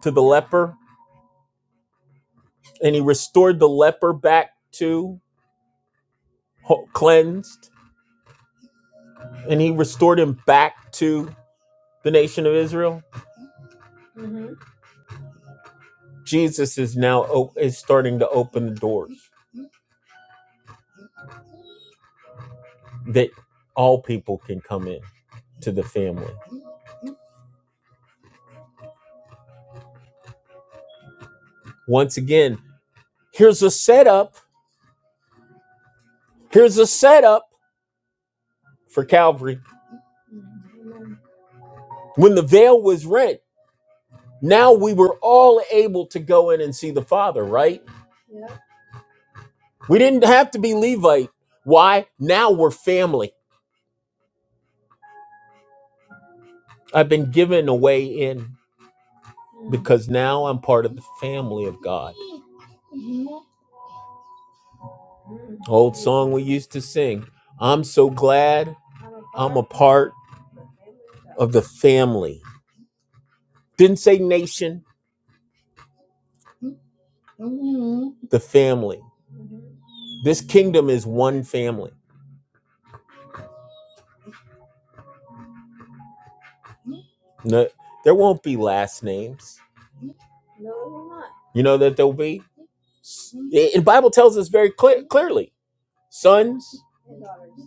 to the leper, and he restored the leper back to ho- cleansed, and he restored him back to the nation of Israel. Jesus is now o- is starting to open the doors that all people can come in to the family. Once again, here's a setup. Here's a setup for Calvary When the veil was rent, now we were all able to go in and see the Father, right? We didn't have to be Levite. Why? Now we're family. I've been given a way in because now I'm part of the family of God. Old song we used to sing I'm so glad, part of the family. Didn't say nation, the family. This kingdom is one family. No, there won't be last names. You know that there'll be? The Bible tells us very clear, clearly Sons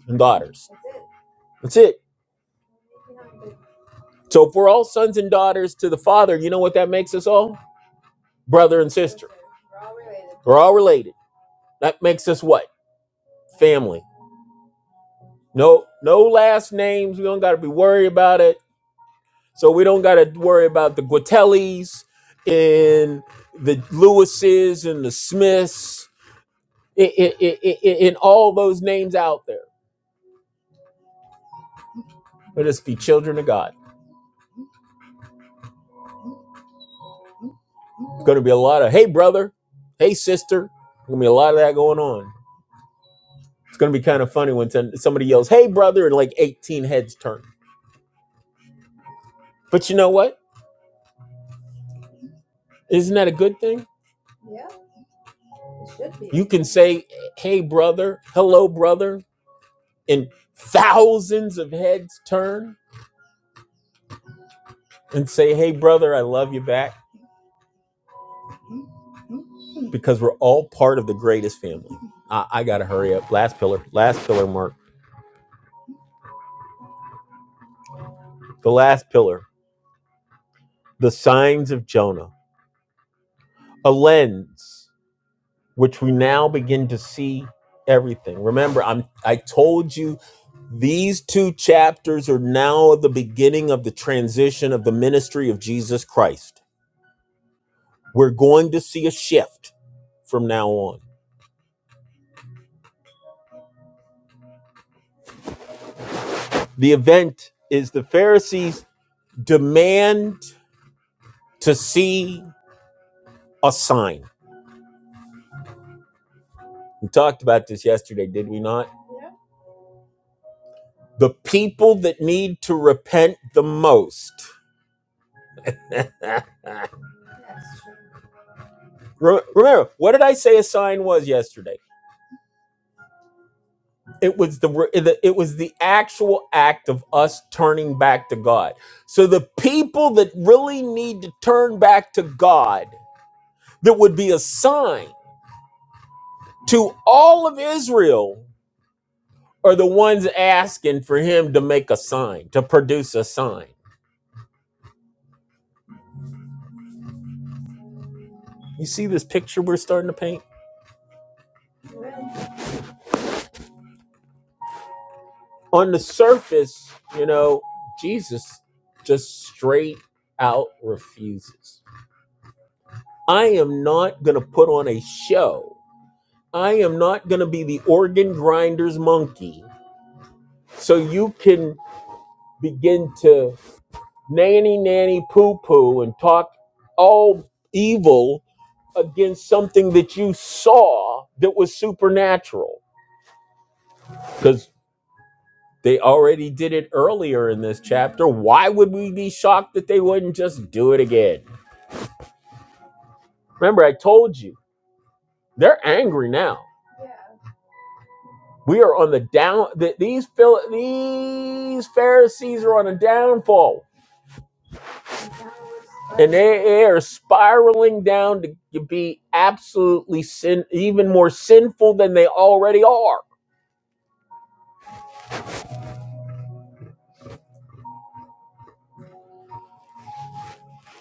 and daughters. That's it. So if we're all sons and daughters to the Father, you know what that makes us all? Brother and sister. We're all related. That makes us what? Family. No, no last names. We don't gotta be worried about it. So we don't gotta worry about the Guatellis and the Lewises and the Smiths and, and all those names out there. Let us be children of God. It's gonna be a lot of hey brother, hey sister. Gonna be a lot of that going on. It's gonna be kind of funny when some- somebody yells, "Hey, brother!" and like 18 heads turn. But you know what? Isn't that a good thing? You can say, "Hey, brother," "Hello, brother," and thousands of heads turn and say, "Hey, brother, I love you back," because we're all part of the greatest family. I, I gotta hurry up. Last pillar. Last pillar, Mark. The last pillar. The signs of Jonah. A lens. which we now begin to see everything. Remember, I'm I told you these two chapters are now the beginning of the transition of the ministry of Jesus Christ. We're going to see a shift from now on. The event is the Pharisees demand to see a sign. We talked about this yesterday, did we not? The people that need to repent the most. Re- Remember, what did I say a sign was yesterday? It was the re- the- it was the actual act of us turning back to God. So the people that really need to turn back to God, that would be a sign to all of Israel, are the ones asking for Him to make a sign, to produce a sign. You see this picture we're starting to paint. On the surface, you know, Jesus just straight out refuses. I am not going to put on a show I am not going to be the organ grinder's monkey. So you can begin to nanny nanny poo poo and talk all evil against something that you saw that was supernatural. Because they already did it earlier in this chapter. Why would we be shocked that they wouldn't just do it again? Remember, I told you, they're angry now. We are on the down, that these, Phil- these Pharisees are on a downfall. and they they are spiraling down to be absolutely sin, even more sinful than they already are.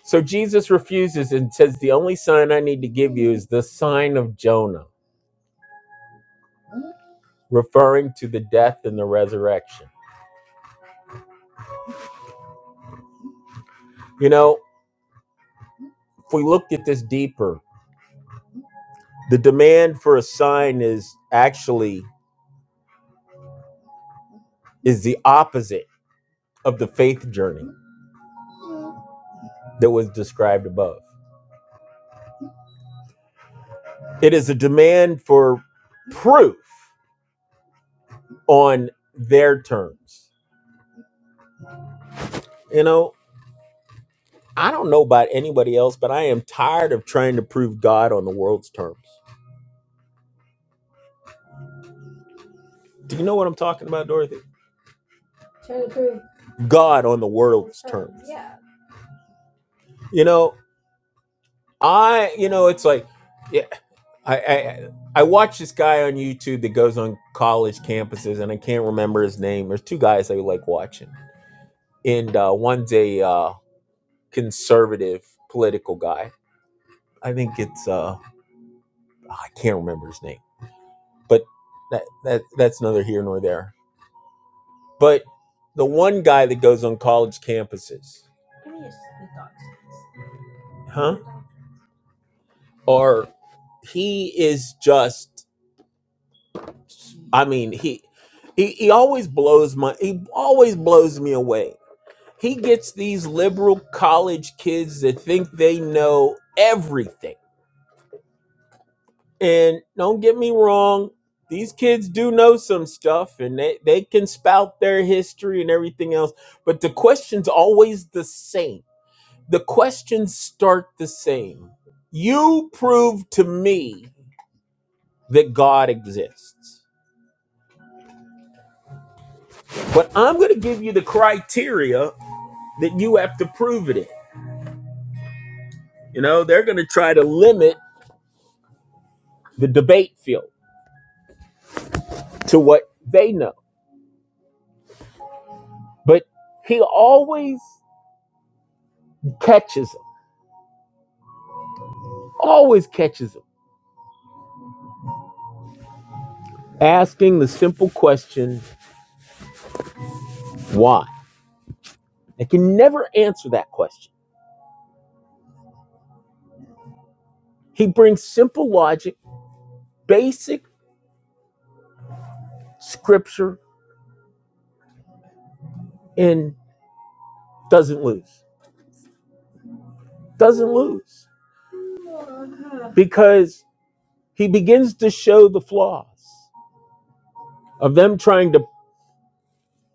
So Jesus refuses and says, "The only sign I need to give you is the sign of Jonah," referring to the death and the resurrection. You know, if we looked at this deeper, the demand for a sign is actually is the opposite of the faith journey that was described above. It is a demand for proof on their terms You know, I don't know about anybody else, but I am tired of trying to prove God on the world's terms. Do you know what I'm talking about, Dorothy? God on the world. You know, I, you know, it's like, yeah, I, I, I watch this guy on YouTube that goes on college campuses, and I can't remember his name. There's two guys I like watching, and uh, one's a uh, conservative political guy. I think it's, uh, I can't remember his name, but that, that that's neither here nor there But the one guy that goes on college campuses, huh, or he is just, I mean, he, he, he always blows my, he always blows me away. He gets these liberal college kids that think they know everything. And don't get me wrong, these kids do know some stuff and they, they can spout their history and everything else, but the question's always the same The questions start the same. You prove to me that God exists, but I'm going to give you the criteria that you have to prove it in. You know, they're going to try to limit the debate field to what they know, but he always catches them, always catches them, asking the simple question, why? They can never answer that question. He brings simple logic, basic scripture, and doesn't lose. doesn't lose because he begins to show the flaws of them trying to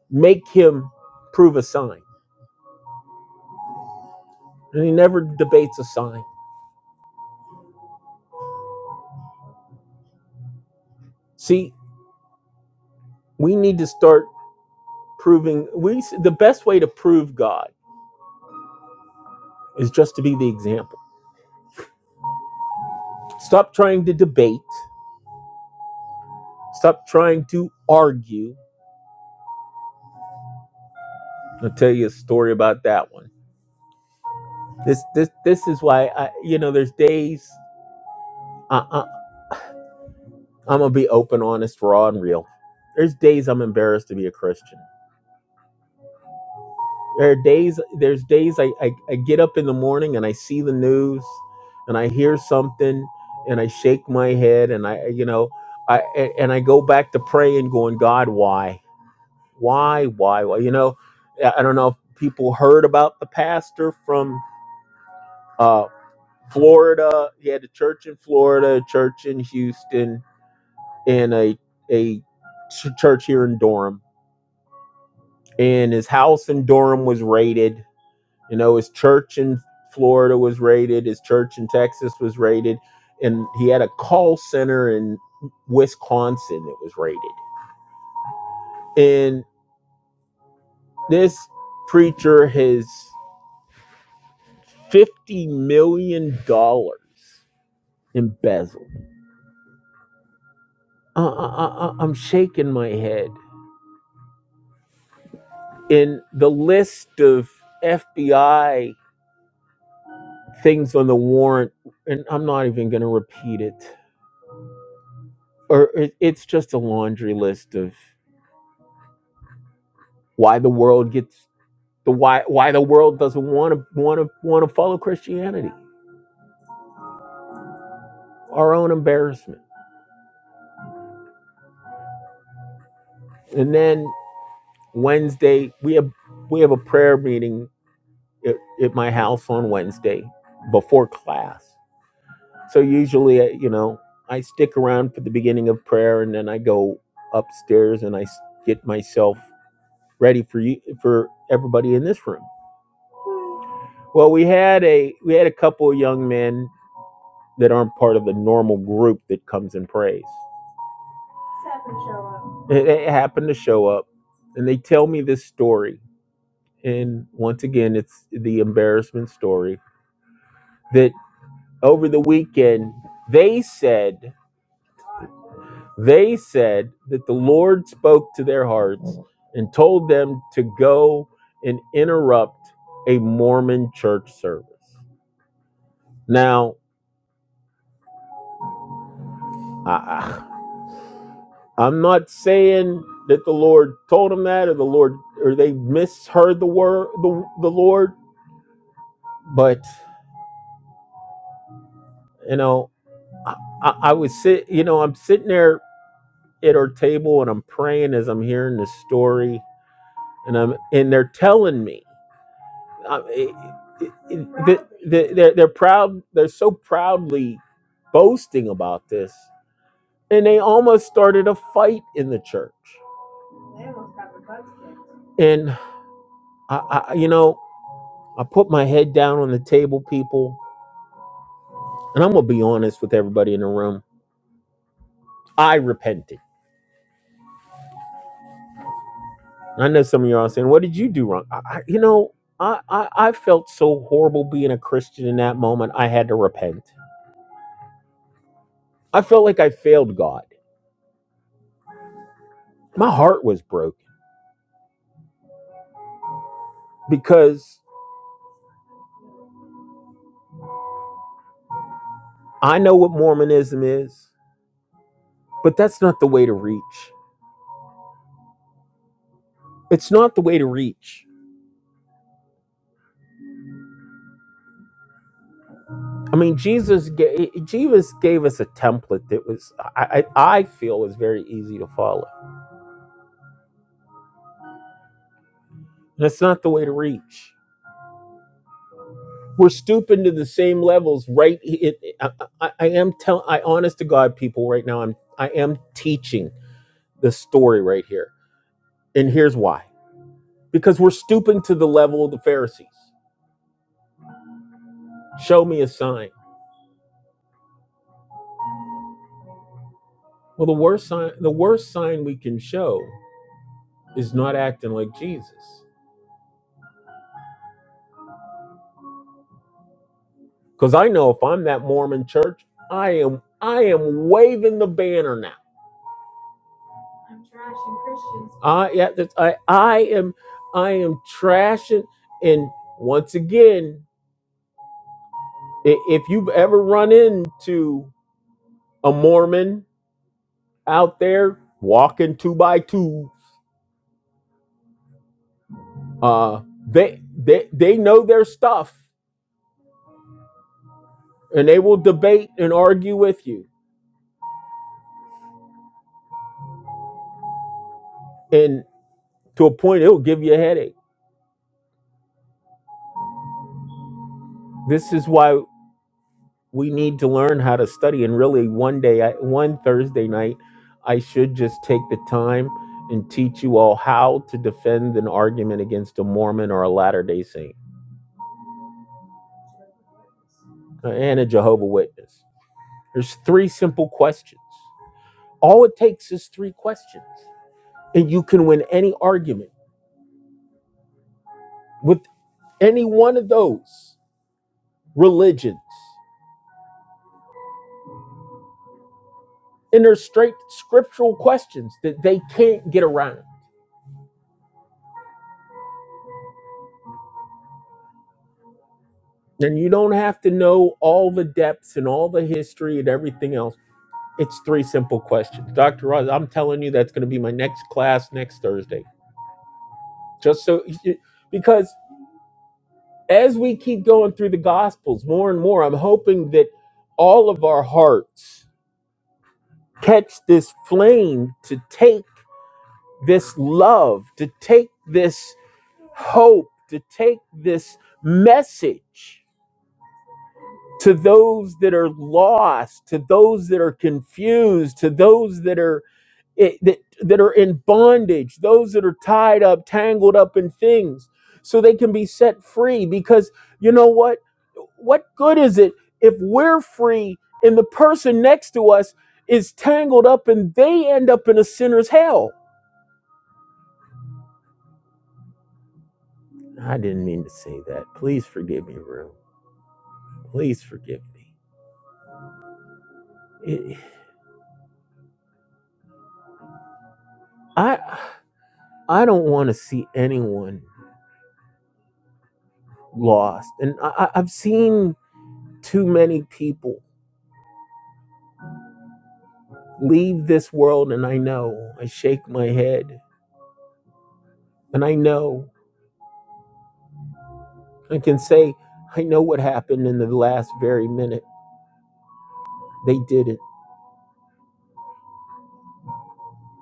make him prove a sign. And he never debates a sign. See, we need to start proving we the best way to prove God is just to be the example. Stop trying to debate, stop trying to argue. I'll tell you a story about that one. This this this is why I you know there's days I, I I'm gonna be open, honest, raw, and real. There's days I'm embarrassed to be a Christian There are days. There's days I, I I get up in the morning and I see the news, and I hear something, and I shake my head, and I you know I a- and I go back to praying, going, God, why, why, why, why? You know, I I don't know if people heard about the pastor from uh, Florida. He had a church in Florida, a church in Houston, and a a ch- church here in Durham. And his house in Durham was raided You know, his church in Florida was raided, his church in Texas was raided, and he had a call center in Wisconsin that was raided. And this preacher has $50 million dollars embezzled. Uh, uh, uh, uh, I'm shaking my head. And the list of FBI things on the warrant, and I'm not even going to repeat it, or it, it's just a laundry list of why the world gets The why why the world doesn't want to want to want to follow Christianity. Our own embarrassment. And then Wednesday we have we have a prayer meeting at, at my house on Wednesday before class. So usually, uh, you know, I stick around for the beginning of prayer, and then I go upstairs and I get myself ready for you for everybody in this room. Well, we had a we had a couple of young men that aren't part of the normal group that comes and prays. And they happen to show up and they tell me this story. And once again, it's the embarrassment story that over the weekend, they said, they said that the Lord spoke to their hearts and told them to go and interrupt a Mormon church service. Now, I, I'm not saying that the Lord told them that or the Lord or they misheard the word the, the Lord, but you know I, I I was sit, you know, I'm sitting there at our table and I'm praying as I'm hearing this story, and I'm and they're telling me, uh, I, it, it, it- they- they're they're proud, they're so proudly boasting about this, and they almost started a fight in the church, and I, I you know, I put my head down on the table, people, and I'm gonna be honest with everybody in the room, I repented. I know some of y'all are saying, "What did you do wrong?" I, I, you know, I, I I felt so horrible being a Christian in that moment. I had to repent. I felt like I failed God. My heart was broken because I know what Mormonism is, but that's not the way to reach. It's not the way to reach. I mean, Jesus gave, Jesus gave us a template that was I, I I feel was very easy to follow. That's not the way to reach. We're stooping to the same levels, right? It, it- I, I, I am telling, I honest to God, people, right now, I'm I am teaching this story right here, and here's why: because we're stooping to the level of the Pharisees. Show me a sign. Well, the worst sign, the worst sign we can show is not acting like Jesus, because I know if I'm that Mormon church, I am I am waving the banner now. I yeah, that's- I I am I am trashing and once again I- If you've ever run into a Mormon out there walking two by two, uh, they they they know their stuff, and they will debate and argue with you, and to a point, it'll give you a headache. This is why we need to learn how to study. And really, one day, I, one Thursday night, I should just take the time and teach you all how to defend an argument against a Mormon or a Latter Day Saint Uh, and a Jehovah Witness There's three simple questions. All it takes is three questions, and you can win any argument with any one of those religions. And they're straight scriptural questions that they can't get around. And you don't have to know all the depths and all the history and everything else. It's three simple questions. Dr. Roz, I'm telling you, that's going to be my next class next Thursday. Just so, because as we keep going through the gospels more and more i'm hoping that all of our hearts catch this flame to take this love to take this hope to take this message to those that are lost to those that are confused to those that are it, that that are in bondage, those that are tied up, tangled up in things, so they can be set free. Because you know what? What good is it if we're free and the person next to us is tangled up and they end up in a sinner's hell? I didn't mean to say that. Please forgive me, Rue. Please forgive me. It- I I don't want to see anyone lost, and I, I- I've seen too many people leave this world and I know. I shake my head and I know. I can say, I know what happened in the last very minute. They did it.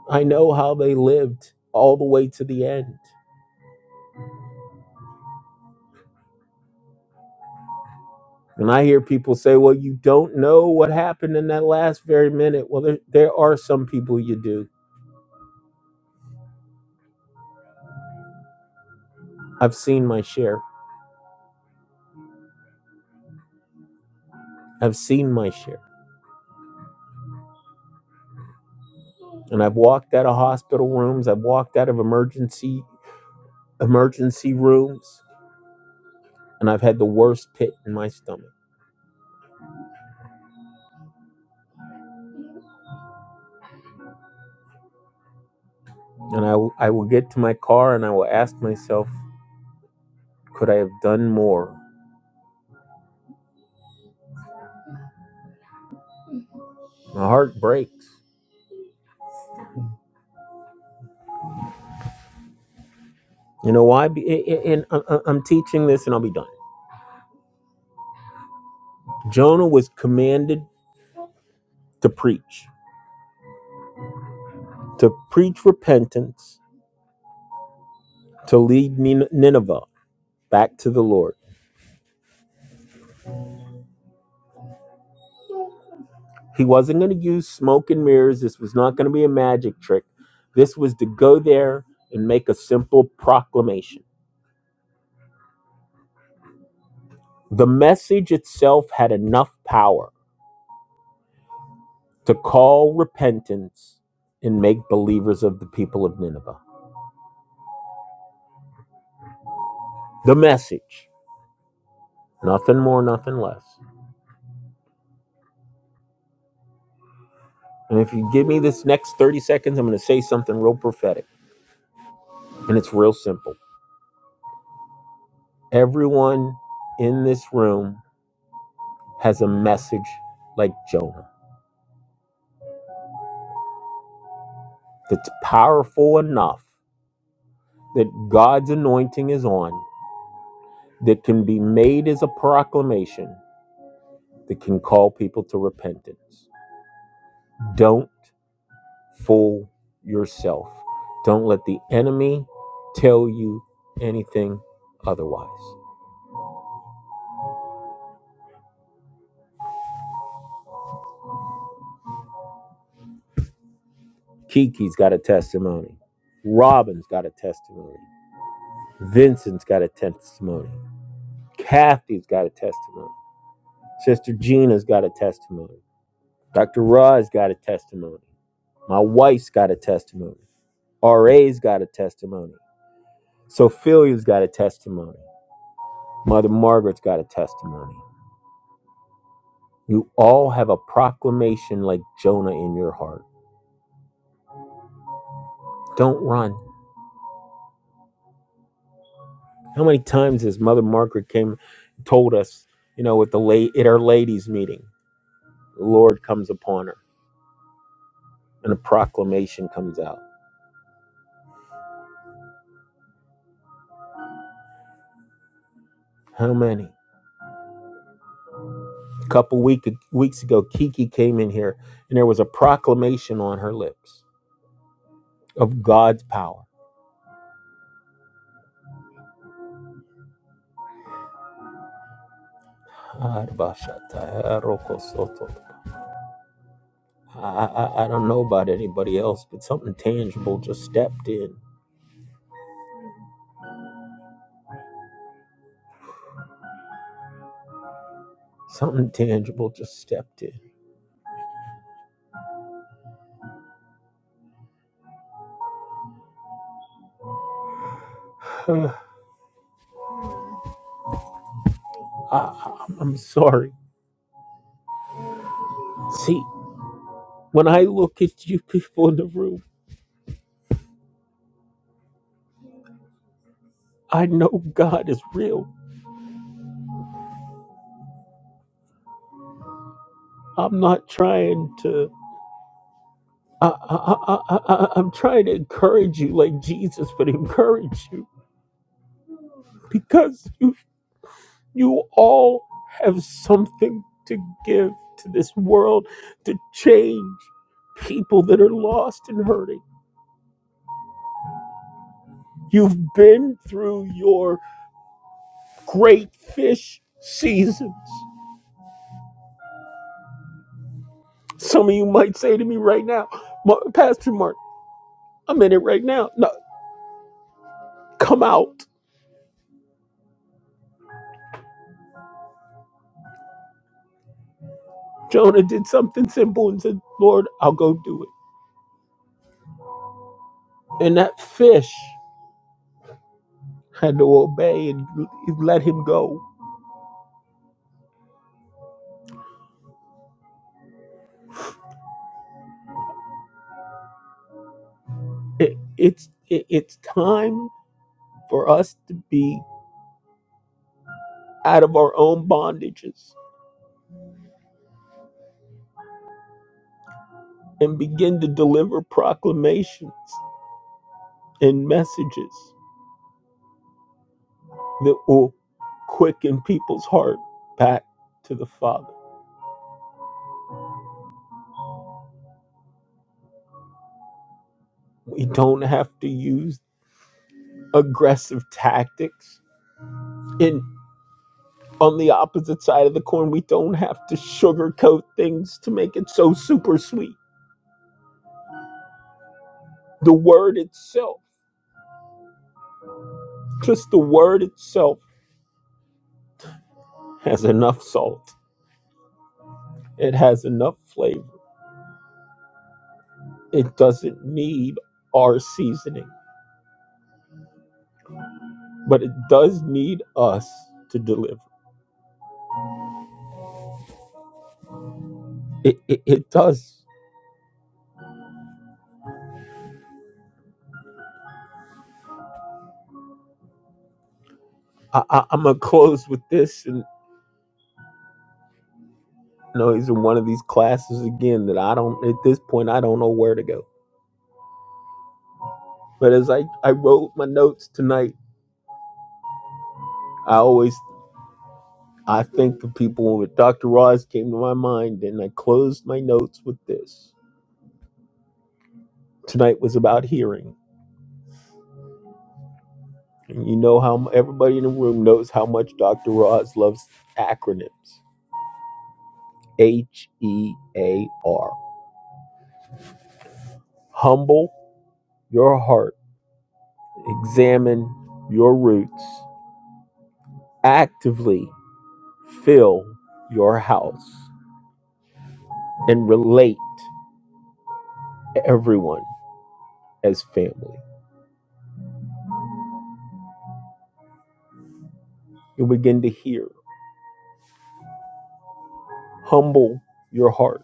I know how they lived all the way to the end. And I hear people say, well, you don't know what happened in that last very minute. Well, there, there are some people you do. I've seen my share. I've seen my share. And I've walked out of hospital rooms. I've walked out of emergency emergency rooms. And I've had the worst pit in my stomach And I, w- I will get to my car and I will ask myself, could I have done more? My heart breaks. You know why? Be- a- And I- I- I'm teaching this and I'll be done. Jonah was commanded to preach, to preach repentance, to lead Nin- Nineveh back to the Lord. He wasn't going to use smoke and mirrors. This was not going to be a magic trick. This was to go there and make a simple proclamation. The message itself had enough power to call repentance and make believers of the people of Nineveh. The message, nothing more, nothing less. And if you give me this next 30 seconds, I'm going to say something real prophetic. And it's real simple. Everyone in this room has a message like Jonah that's powerful enough that God's anointing is on, that can be made as a proclamation that can call people to repentance. Don't fool yourself. Don't let the enemy tell you anything otherwise. Kiki's got a testimony. Robin's got a testimony. Vincent's got a testimony. Kathy's got a testimony. Sister Gina's got a testimony. Dr. Rod's got a testimony. My wife's got a testimony. RA's got a testimony. Sophia's got a testimony. Mother Margaret's got a testimony. You all have a proclamation like Jonah in your heart. Don't run. How many times has Mother Margaret came told us, you know, at the late at our ladies meeting, the Lord comes upon her and a proclamation comes out. How many? A couple week, weeks ago, Kiki came in here and there was a proclamation on her lips of God's power. I, I, I don't know about anybody else, but something tangible just stepped in Something tangible just stepped in. I, I- I'm sorry. See, when I look at you people in the room, I know God is real. I'm not trying to. I, I, I, I, I- I'm trying to encourage you like Jesus would encourage you because you you all have something to give to this world to change people that are lost and hurting. You've been through your. Great fish seasons. Some of you might say to me right now, Pastor Mark, I'm in it right now. No, come out. Jonah did something simple and said, Lord, I'll go do it. And that fish had to obey and let him go. It, it's, it, it's time for us to be out of our own bondages and begin to deliver proclamations and messages. that will quicken people's heart back to the Father. We don't have to use aggressive tactics. And on the opposite side of the coin, we don't have to sugarcoat things to make it so super sweet. The word itself, just the word itself, has enough salt, it has enough flavor. It doesn't need our seasoning, but it does need us to deliver. It, it, it does. I, I, I'm going to close with this and. No, he's in one of these classes again that I don't, at this point, I don't know where to go. But as I, I wrote my notes tonight, I always, I think of people with Dr. Roz came to my mind and I closed my notes with this. Tonight was about hearing. And you know how everybody in the room knows how much Dr. Roz loves acronyms. H E A R. Humble your heart. Examine your roots. Actively fill your house. and relate to everyone as family. You'll begin to hear. Humble your heart.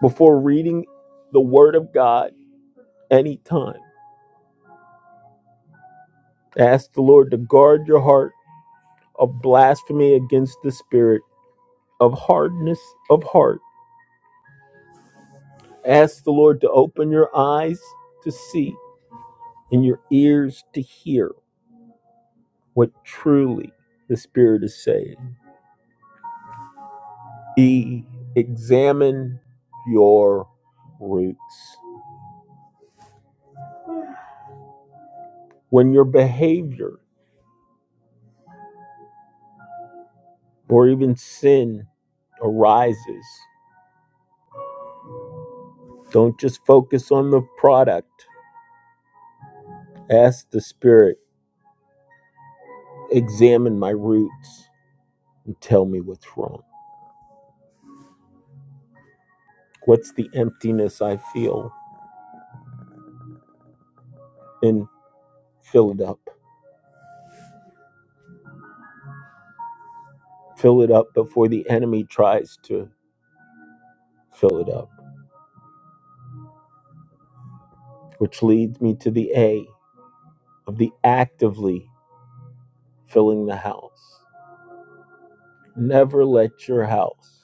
Before reading the Word of God anytime, ask the Lord to guard your heart of blasphemy against the spirit of hardness of heart. Ask the Lord to open your eyes to see and your ears to hear what truly the Spirit is saying. E, examine your roots. When your behavior or even sin arises, don't just focus on the product. Ask the Spirit, examine my roots and tell me what's wrong. What's the emptiness I feel? And fill it up. Fill it up before the enemy tries to fill it up, which leads me to the A of the actively filling the house. Never let your house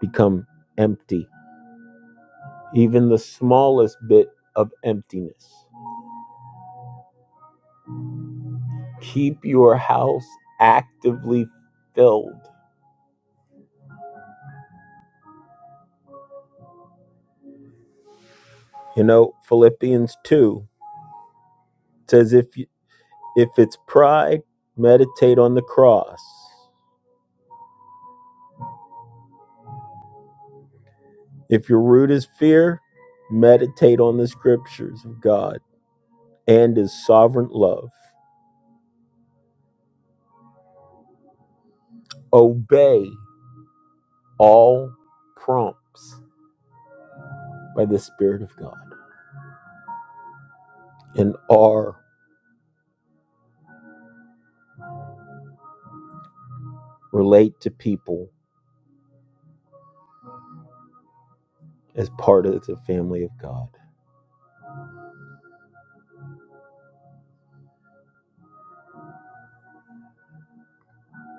become empty even the smallest bit of emptiness. Keep your house actively filled. You know, Philippians 2 says if you, if it's pride, meditate on the cross. If your root is fear, meditate on the scriptures of God and his sovereign love. Obey all prompts by the spirit of God and are relate to people as part of the family of God.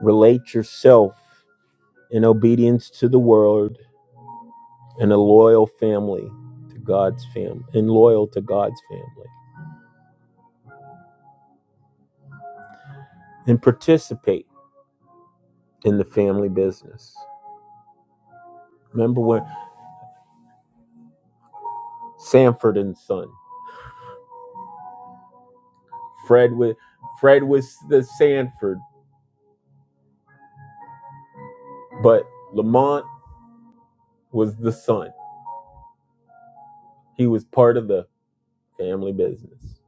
Relate yourself in obedience to the word and a loyal family to God's family and loyal to God's family and participate in the family business. Remember when Sanford and Son, Fred was Fred was the Sanford, but Lamont was the son. He was part of the family business.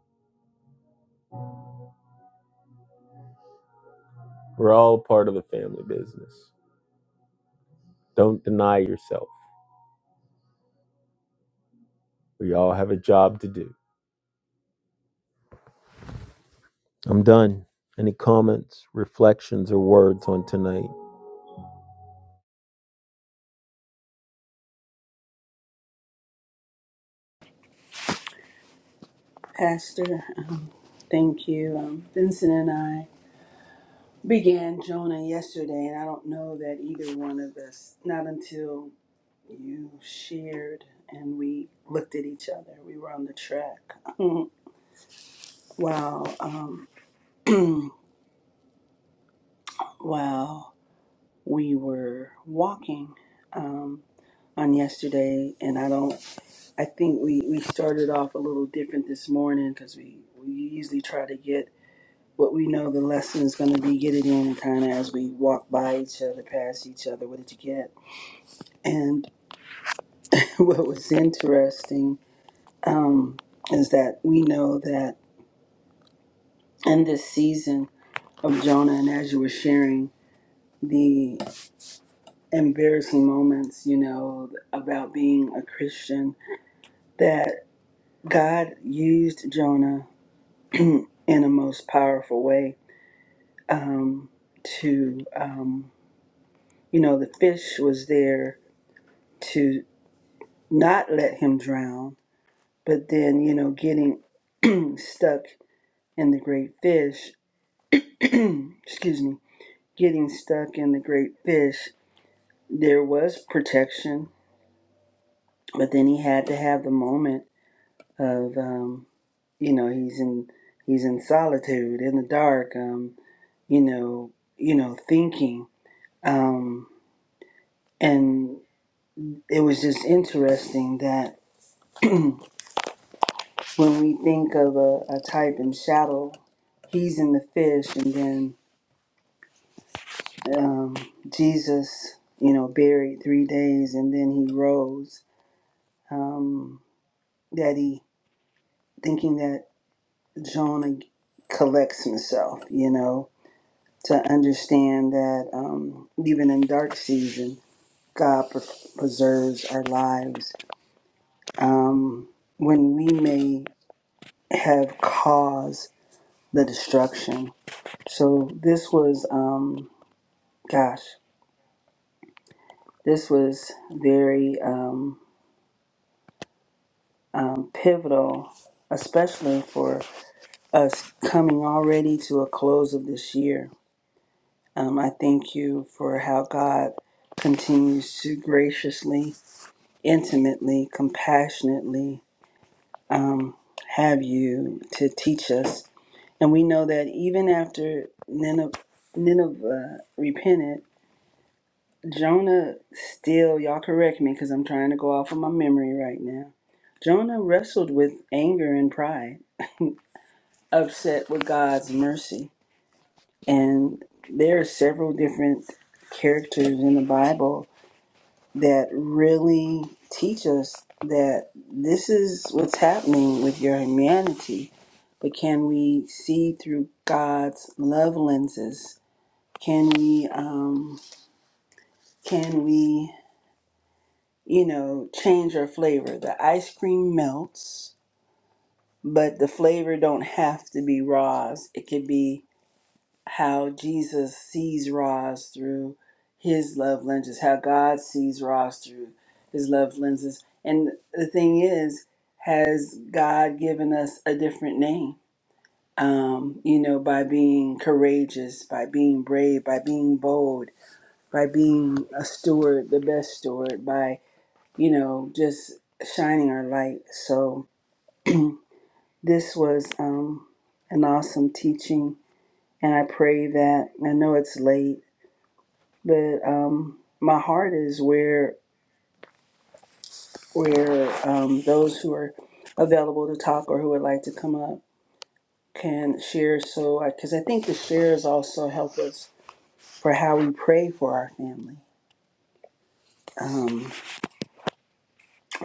We're all part of the family business. Don't deny yourself. We all have a job to do. I'm done. Any comments, reflections, or words on tonight?
Pastor, uh, thank you. Um, Vincent and I began Jonah yesterday, and I don't know that either one of us, not until you shared and we looked at each other, we were on the track. while, um, while we were walking um, on yesterday, and I don't, I think we, we started off a little different this morning because we, we usually try to get What we know the lesson is going to be get it in kind of as we walk by each other, past each other. What did you get? And what was interesting um, is that we know that in this season of Jonah, and as you were sharing the embarrassing moments, you know, about being a Christian, that God used Jonah in a most powerful way um, to, um, you know, the fish was there. to. not let him drown, but then, you know, getting stuck in the great fish, excuse me, getting stuck in the great fish, there was protection, but then he had to have the moment of, um, you know, he's in he's in solitude in the dark, um, you know, you know, thinking, um, and it was just interesting that when we think of a, a type in shadow, he's in the fish, and then um, Jesus, you know, buried three days, and then he rose. Um, that he thinking that Jonah collects himself, you know, to understand that um, even in dark season, God pre- preserves our lives. Um, when we may have caused the destruction. So this was. Um, gosh, this was very um, um, pivotal, especially for us coming already to a close of this year. Um, I thank you for how God continues to graciously, intimately, compassionately um, have you to teach us. And we know that even after Nineveh, Nineveh repented, Jonah still, y'all correct me because I'm trying to go off of my memory right now. Jonah wrestled with anger and pride, upset with God's mercy. And there are several different characters in the Bible that really teach us that this is what's happening with your humanity. But can we see through God's love lenses? Can we um, can we you know, change your flavor. The ice cream melts, but the flavor don't have to be Ra's. It could be how Jesus sees Ra's through his love lenses, how God sees Ra's through his love lenses. And the thing is, has God given us a different name? Um, you know, by being courageous, by being brave, by being bold, by being a steward, the best steward, by you know, just shining our light. So this was um, an awesome teaching, and I pray that I know it's late, but um, my heart is where where um, those who are available to talk or who would like to come up can share. So because I think the shares also help us for how we pray for our family, um,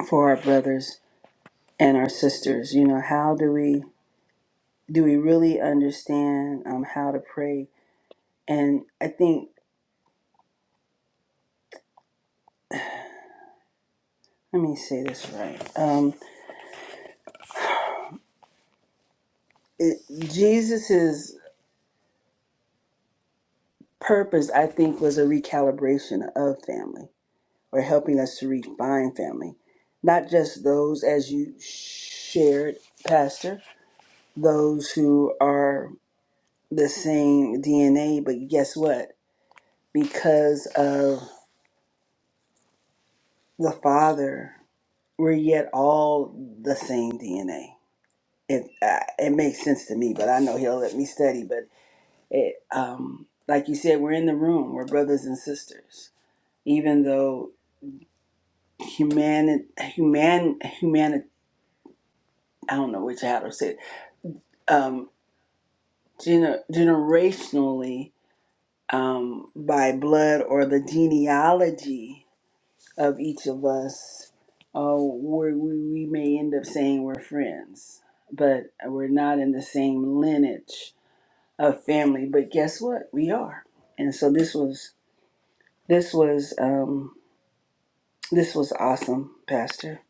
for our brothers and our sisters. You know, how do we do we really understand um, how to pray and I think let me say this right. Um, it, Jesus's purpose, I think, was a recalibration of family or helping us to refine family, not just those as you shared, Pastor, those who are the same DNA. But guess what? Because of the Father, we're yet all the same DNA. It uh, it makes sense to me, but I know he'll let me study. but. It, um, like you said, we're in the room. We're brothers and sisters. Even though human, human, human, I don't know which how to say it. Um, gener- generationally, um, by blood or the genealogy of each of us, uh, we we we may end up saying we're friends, but we're not in the same lineage of family. But guess what? We are. And so this was this was. Um, This was awesome, Pastor.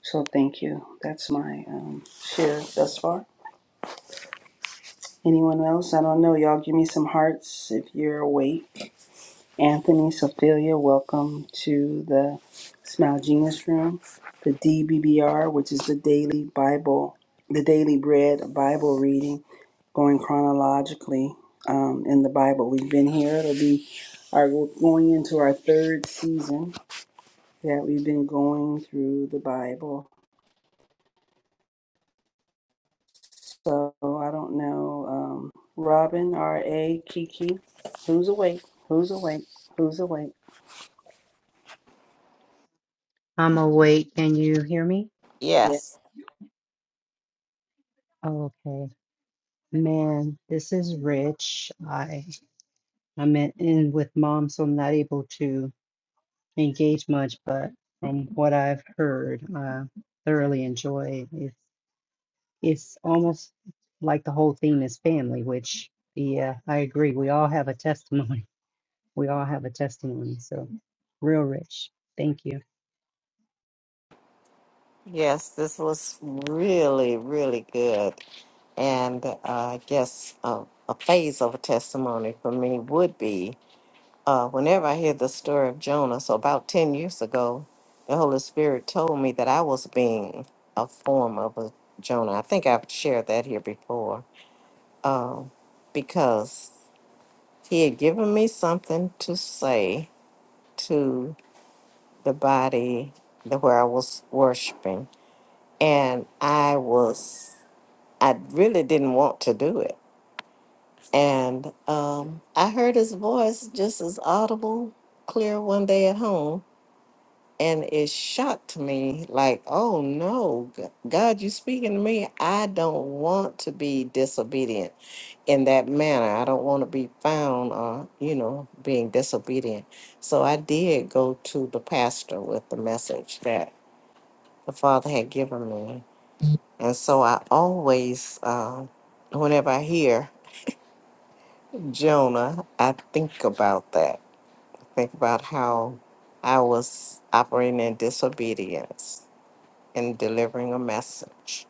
So thank you. That's my um, share thus far. Anyone else? I don't know. Y'all give me some hearts if you're awake. Anthony, Sophia, welcome to the Smile Genius Room, the DBBR, which is the daily Bible, the daily bread Bible reading, going chronologically um, in the Bible. We've been here. It'll be our we're going into our third season that we've been going through the Bible So I don't know. Um, Robin, R A, Kiki, who's awake? Who's awake? Who's awake?
I'm awake. Can you hear me?
Yeah.
Yes,
okay. Man, this is rich. I I'm in, in with mom, so I'm not able to engage much, but from what I've heard, I thoroughly enjoy it. It's it's almost like the whole theme is family, which yeah, I agree. We all have a testimony. We all have a testimony. So real rich. Thank you.
yes, this was really, really good. And uh, I guess uh, a phase of a testimony for me would be uh, whenever I hear the story of Jonah. So, about 10 years ago, the Holy Spirit told me that I was being a form of a Jonah. I think I've shared that here before um, because he had given me something to say to the body that where I was worshiping, and I was I really didn't want to do it, and um, I heard his voice just as audible, clear one day at home. And it shocked me, like, oh no, G- God, you speaking to me. I don't want to be disobedient in that manner. I don't want to be found, uh, you know, being disobedient. So I did go to the pastor with the message that the Father had given me. And so I always, uh, whenever I hear Jonah, I think about that. Think about how I was operating in disobedience and delivering a message.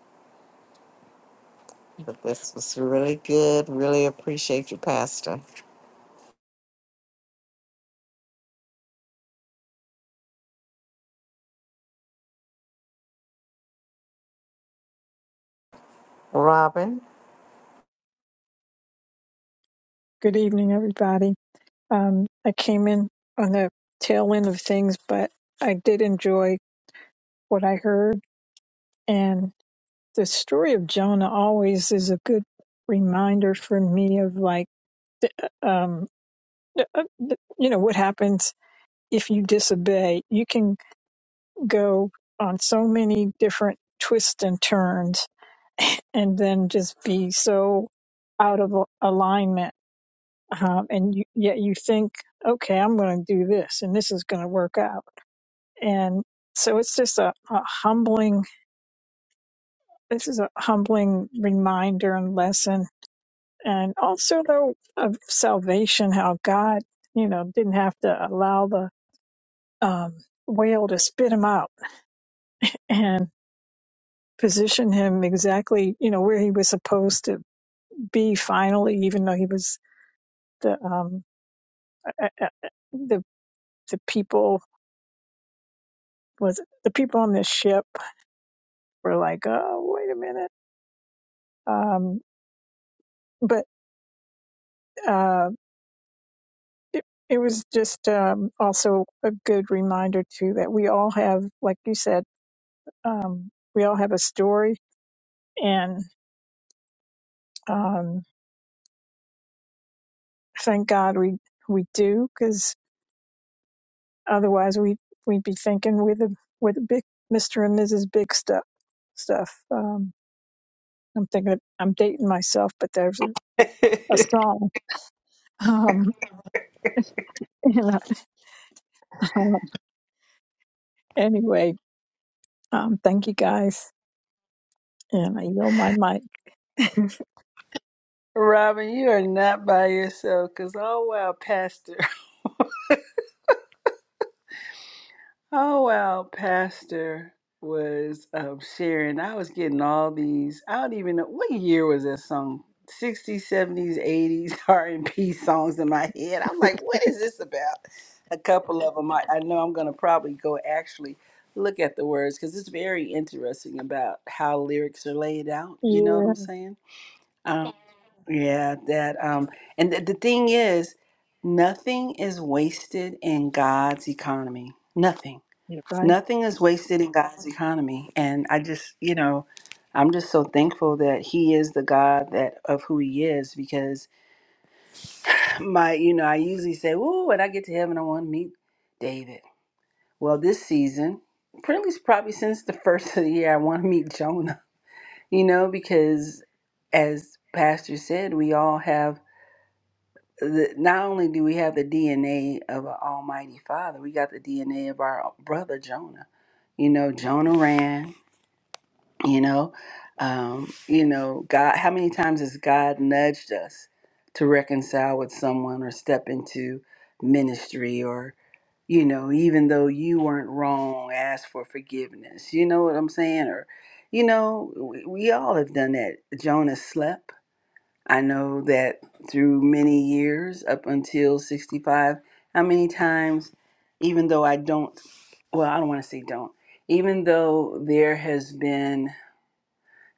But this was really good. Really appreciate you, Pastor. Robin,
Good evening, everybody. Um, I came in on the tail end of things, but I did enjoy what I heard. And the story of Jonah always is a good reminder for me of like, um, uh, uh, you know, what happens if you disobey. You can go on so many different twists and turns and then just be so out of al- alignment. Um, and you, yet you think, okay, I'm going to do this and this is going to work out and so it's just a, a humbling this is a humbling reminder and lesson and also though of salvation how god you know didn't have to allow the um, whale to spit him out and position him exactly you know where he was supposed to be finally even though he was the um uh, uh, uh, the the people was the people on this ship were like oh wait a minute um but um, It, it was just um, also a good reminder too that we all have, like you said, um, we all have a story, and um, thank God we we do, because otherwise we we'd be thinking with the with the big Mister and Mrs. Big stuff stuff. Um, I'm thinking of, I'm dating myself, but there's a, a song. Um, and, uh, um, anyway, um, thank you guys, and I yield my mic.
Robin, you are not by yourself because all while Pastor Oh, well, Pastor was um, sharing. I was getting all these. I don't even know what year was that song. 60s, 70s, 80s R&B songs in my head. I'm like, what is this about? A couple of them. I, I know I'm going to probably go actually look at the words because it's very interesting about how lyrics are laid out. You know what
Yeah,
I'm saying? Um, yeah, that. Um, and th- the thing is, nothing is wasted in God's economy. Nothing.
you
Nothing is wasted in God's economy. And I just, you know, I'm just so thankful that he is the God that of who he is because my, you know, I usually say, "Ooh, when I get to heaven, I want to meet David." Well, this season, probably probably since the first of the year, I want to meet Jonah. You know, because as pastor said, we all have the, not only do we have the DNA of an almighty father, we got the DNA of our brother Jonah. You know, Jonah ran, you know um you know god how many times has god nudged us to reconcile with someone or step into ministry or you know even though you weren't wrong ask for forgiveness you know what i'm saying or you know we, we all have done that jonah slept i know that through many years up until 65 how many times even though i don't well i don't want to say don't even though there has been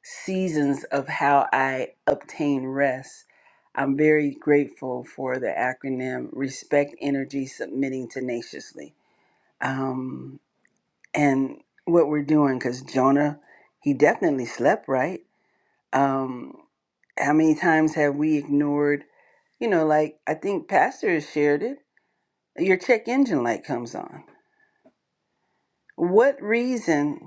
seasons of how I obtain rest. I'm very grateful for the acronym Respect Energy Submitting Tenaciously. Um, and what we're doing, because Jonah, he definitely slept, right? Um, how many times have we ignored, you know, like I think Pastor has shared it, your check engine light comes on. What reason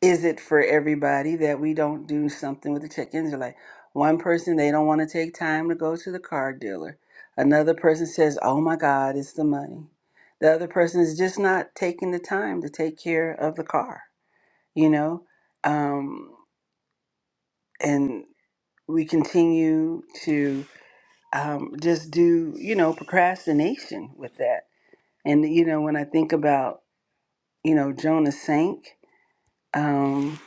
is it for everybody that we don't do something with the check engine light? One person they don't want to take time to go to the car dealer. Another person says, "Oh my God, it's the money." The other person is just not taking the time to take care of the car, you know. Um, and we continue to um, just do, you know, procrastination with that. And you know, when I think about, you know, Jonah sank, um,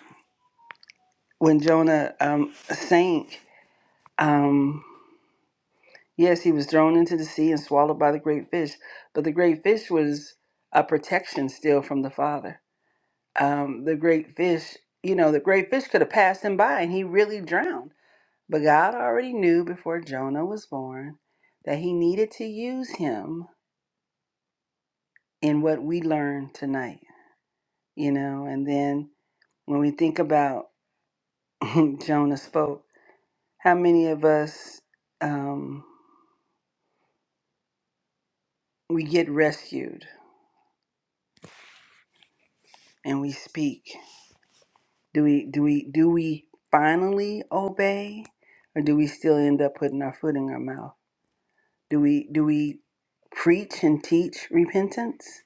when Jonah um, sank, Um, yes, he was thrown into the sea and swallowed by the great fish, but the great fish was a protection still from the Father. Um, the great fish, you know, the great fish could have passed him by and he really drowned. But God already knew before Jonah was born that he needed to use him in what we learned tonight, you know. And then when we think about Jonah spoke, how many of us um, we get rescued and we speak Do we do we do we finally obey or do we still end up putting our foot in our mouth? Do we do we preach and teach repentance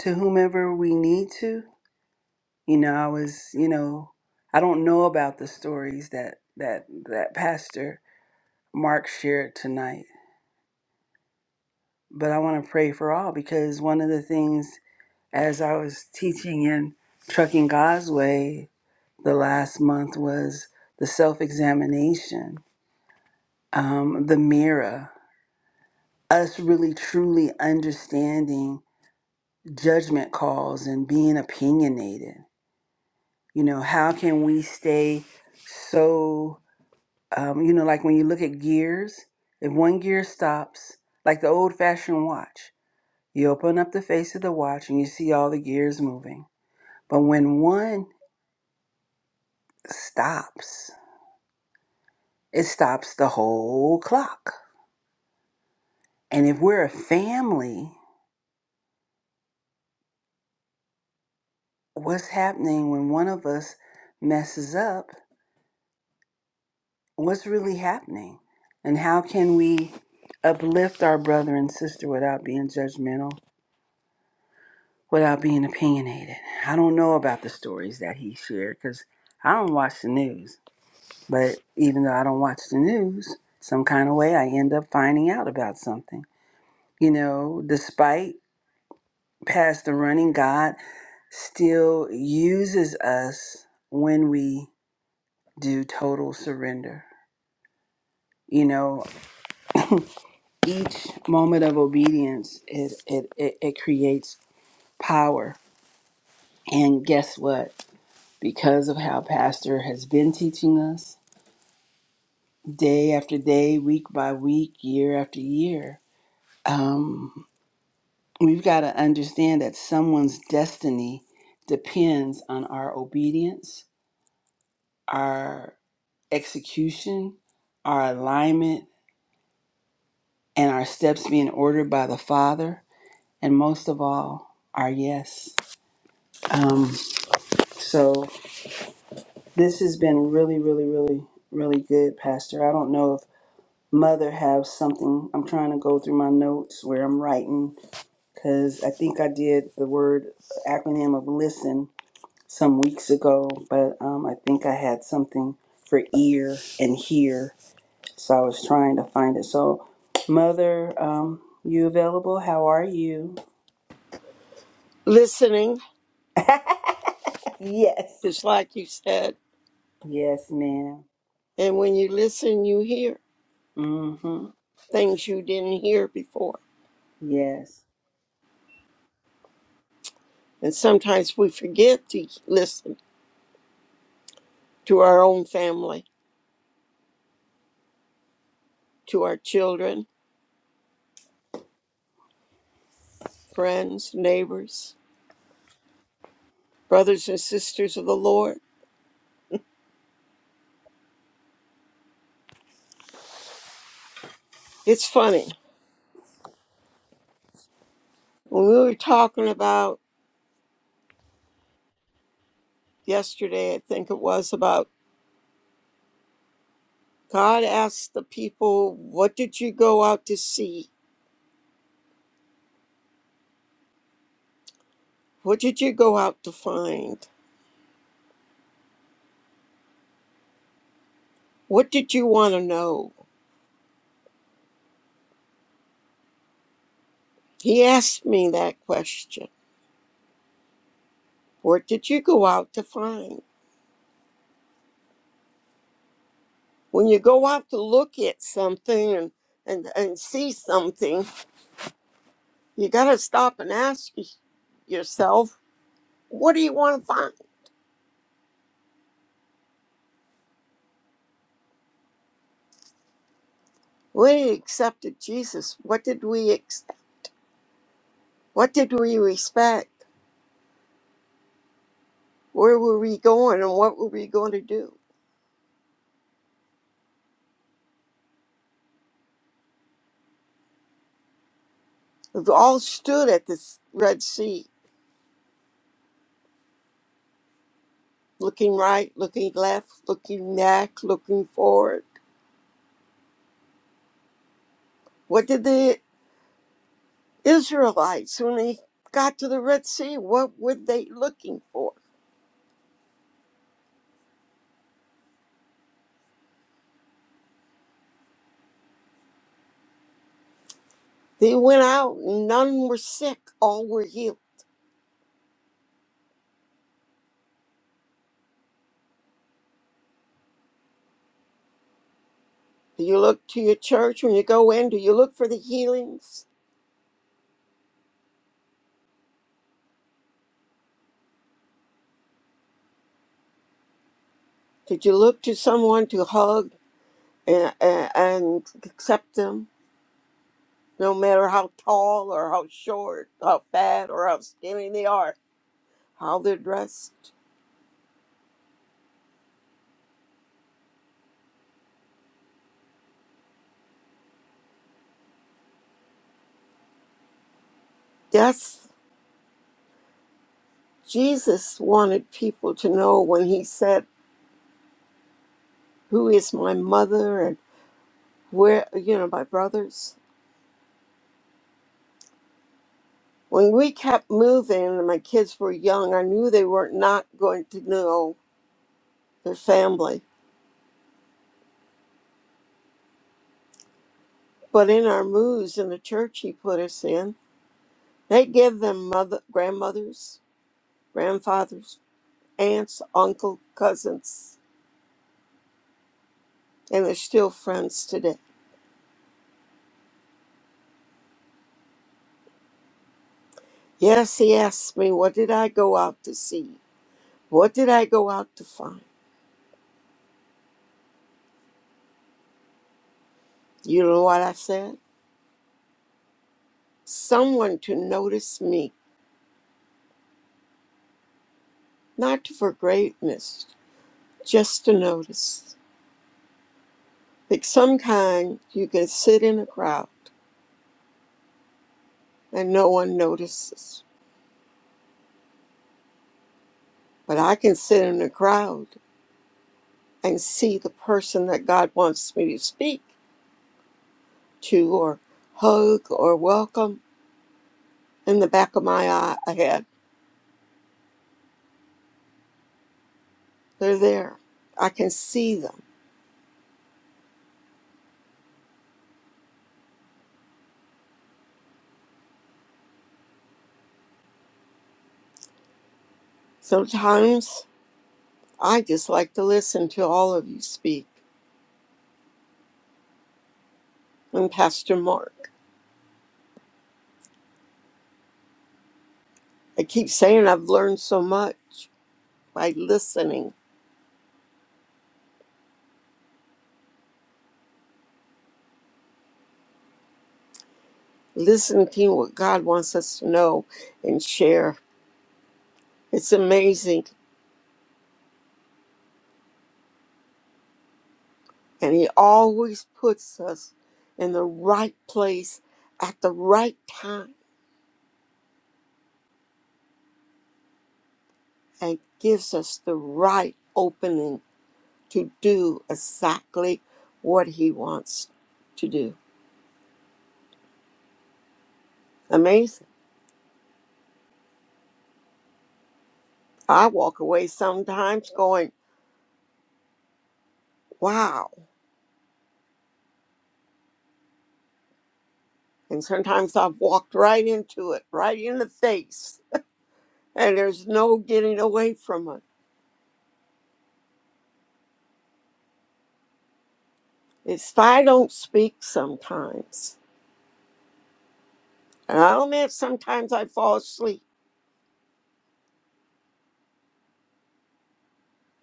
to whomever we need to? You know, I was, you know, I don't know about the stories that that that pastor Mark shared tonight, but I want to pray for all because one of the things as I was teaching in Trucking God's Way the last month was the self-examination um, the mirror, us really truly understanding judgment calls and being opinionated. You know, how can we stay so, um, you know, like when you look at gears, if one gear stops, like the old fashioned watch, you open up the face of the watch and you see all the gears moving. But when one stops, it stops the whole clock. And if we're a family, what's happening when one of us messes up, what's really happening, and how can we uplift our brother and sister without being judgmental, without being opinionated. I don't know about the stories that he shared because I don't watch the news, but even though I don't watch the news, some kind of way I end up finding out about something. You know, despite past the running, God still uses us when we do total surrender you know each moment of obedience it it it, it creates power and guess what because of how pastor has been teaching us day after day week by week year after year um we've got to understand that someone's destiny depends on our obedience our execution our alignment and our steps being ordered by the father and most of all our yes Um, So this has been really, really, really, really good, Pastor. I don't know if Mother has something. I'm trying to go through my notes where I'm writing because I think I did the word acronym of listen some weeks ago, but um, I think I had something for ear and hear, so I was trying to find it. So, Mother, um, you available? How are you?
Listening,
yes.
just like you said.
Yes, ma'am.
And when you listen, you hear
Mm-hmm.
things you didn't hear before.
Yes.
And sometimes we forget to listen to our own family, to our children, friends, neighbors, brothers and sisters of the Lord. It's funny. When we were talking about yesterday, I think it was about God asked the people, What did you go out to see? What did you go out to find? What did you want to know? He asked me that question. What did you go out to find? When you go out to look at something and, and, and see something, you got to stop and ask y- yourself, what do you want to find? We accepted Jesus. What did we ex- What did we respect? Where were we going and what were we going to do? We've all stood at this Red Sea, looking right, looking left, looking back, looking forward. What did they? Israelites, when they got to the Red Sea, what were they looking for? They went out, none were sick, all were healed. Do you look to your church when you go in? Do you look for the healings? Did you look to someone to hug and, and, and accept them, no matter how tall or how short, how fat or how skinny they are, how they're dressed? Yes, Jesus wanted people to know when he said, Who is my mother and where you know my brothers when we kept moving and my kids were young i knew they were not going to know their family but in our moves in the church he put us in they give them mother grandmothers grandfathers aunts uncle cousins and they're still friends today yes he asked me what did i go out to see what did i go out to find you know what i said someone to notice me not for greatness just to notice. Like some kind, you can sit in a crowd and no one notices. But I can sit in a crowd and see the person that God wants me to speak to or hug or welcome in the back of my eye, Ahead, They're there. I can see them. Sometimes I just like to listen to all of you speak and Pastor Mark. I keep saying I've learned so much by listening listening to what God wants us to know and share. It's amazing. And He always puts us in the right place at the right time and gives us the right opening to do exactly what He wants to do. Amazing. I walk away sometimes going, wow. And sometimes I've walked right into it, right in the face. And there's no getting away from it It's why I don't speak sometimes. And I'll admit sometimes I fall asleep.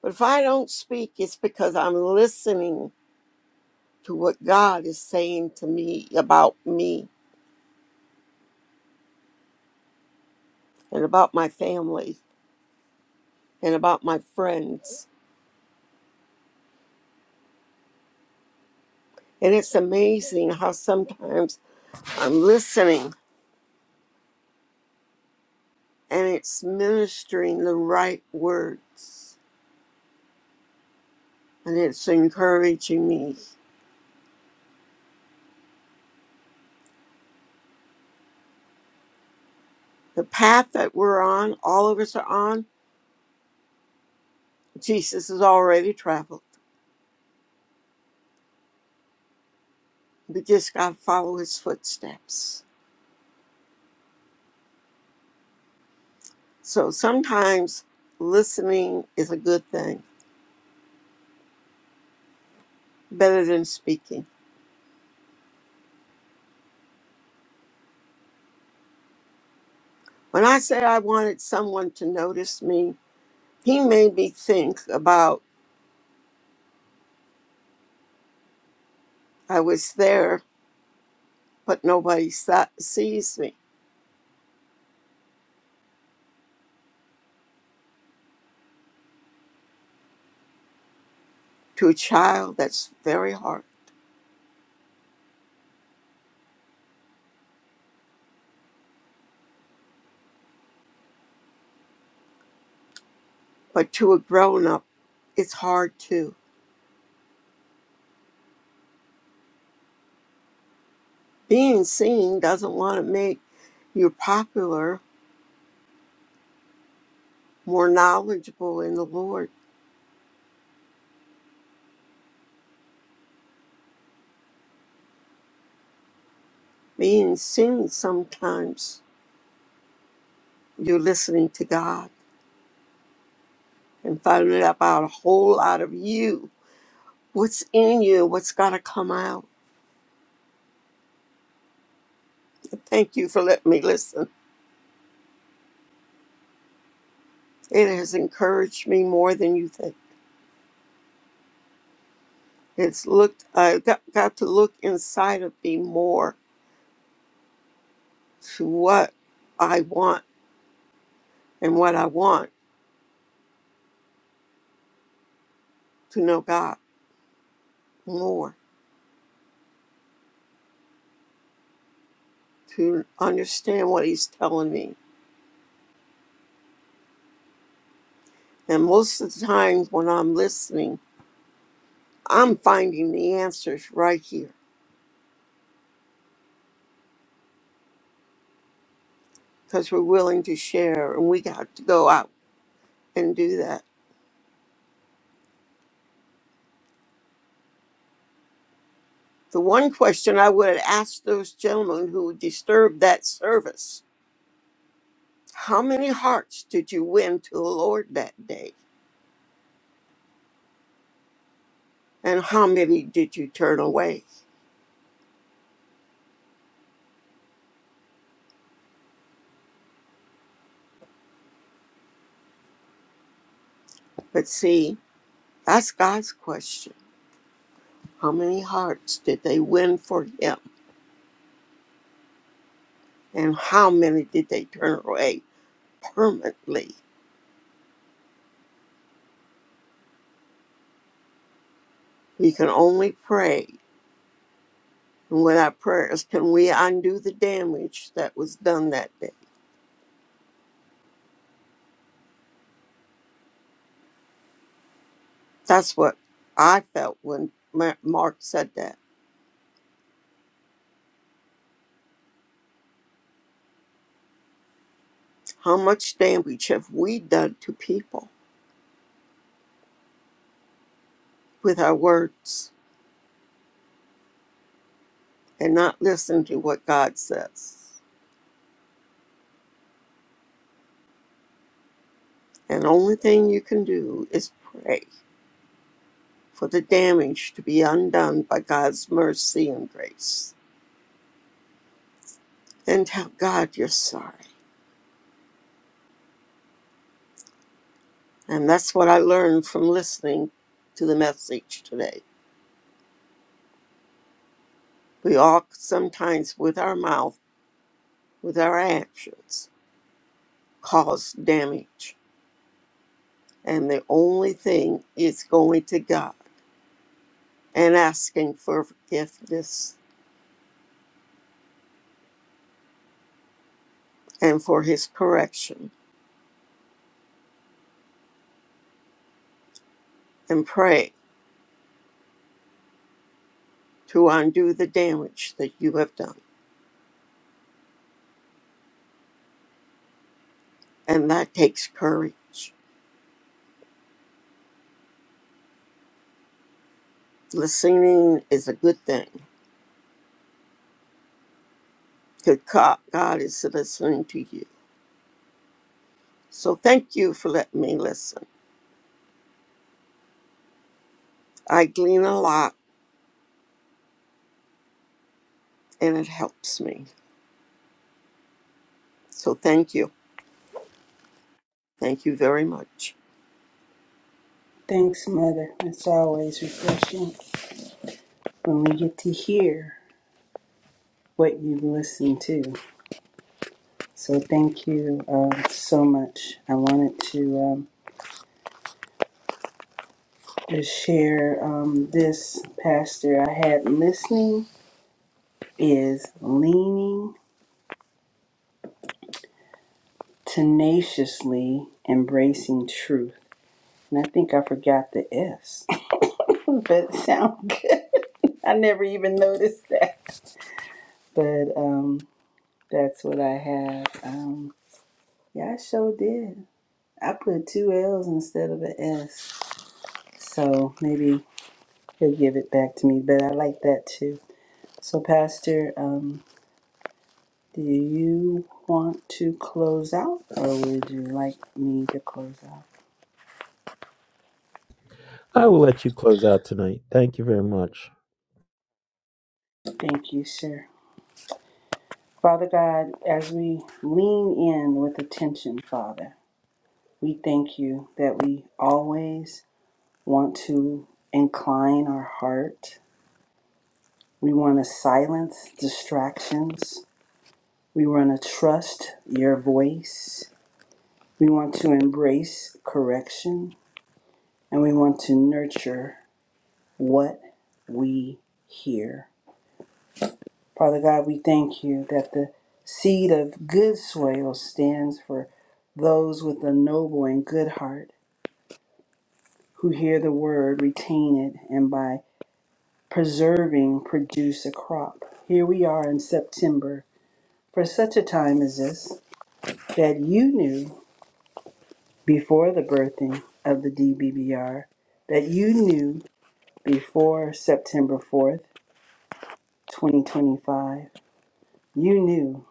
But if I don't speak, it's because I'm listening to what God is saying to me about me and about my family and about my friends. And it's amazing how sometimes I'm listening and it's ministering the right words and it's encouraging me. The path that we're on, all of us are on, Jesus has already traveled. We just got to follow his footsteps. So sometimes listening is a good thing, better than speaking. When I say I wanted someone to notice me, he made me think about I was there, but nobody sa- sees me. To a child, that's very hard. But to a grown up, it's hard too. Being seen doesn't want to make you popular, more knowledgeable in the Lord. Being seen sometimes You're listening to God and finding out about a whole lot of you, what's in you, what's got to come out. And Thank you for letting me listen. It has encouraged me more than you think. It's looked, I got, got to look inside of me more to what I want and what I want to know God more, to understand what He's telling me. And most of the times when I'm listening, I'm finding the answers right here because we're willing to share and we got to go out and do that. The one question I would have asked those gentlemen who disturbed that service how many hearts did you win to the Lord that day? And how many did you turn away? But see, that's God's question. How many hearts did they win for Him? And how many did they turn away permanently? We can only pray. And with our prayers, can we undo the damage that was done that day? That's what I felt when Ma- Mark said that. How much damage have we done to people with our words and not listened to what God says? And the only thing you can do is pray for the damage to be undone by God's mercy and grace. And tell God you're sorry. And that's what I learned from listening to the message today. We all sometimes, with our mouth, with our actions, cause damage And the only thing is going to God and asking for forgiveness and for His correction and pray to undo the damage that you have done. And that takes courage. Listening is a good thing because God is listening to you. So thank you for letting me listen. I glean a lot and it helps me. So thank you. Thank you very much.
Thanks, Mother. It's always refreshing when we get to hear what you listen to. So thank you um, so much. I wanted to um, just share um, this pastor I had listening is leaning tenaciously embracing truth. And I think I forgot the S, but sound good. I never even noticed that. But um, that's what I have. Um, yeah, I sure did. I put two L's instead of an S. So maybe he'll give it back to me, but I like that too. So, Pastor, um, do you want to close out or would you like me to close out?
I will let you close out tonight. Thank you very much.
Thank you, sir. Father God, as we lean in with attention, Father, we thank you that we always want to incline our heart. We want to silence distractions. We want to trust your voice. We want to embrace correction and we want to nurture what we hear. Father God, we thank you that the seed of good soil stands for those with a noble and good heart who hear the word, retain it, and by preserving produce a crop. Here we are in September for such a time as this that you knew before the birthing of the DBBR that you knew before September 4th, 2025. You knew.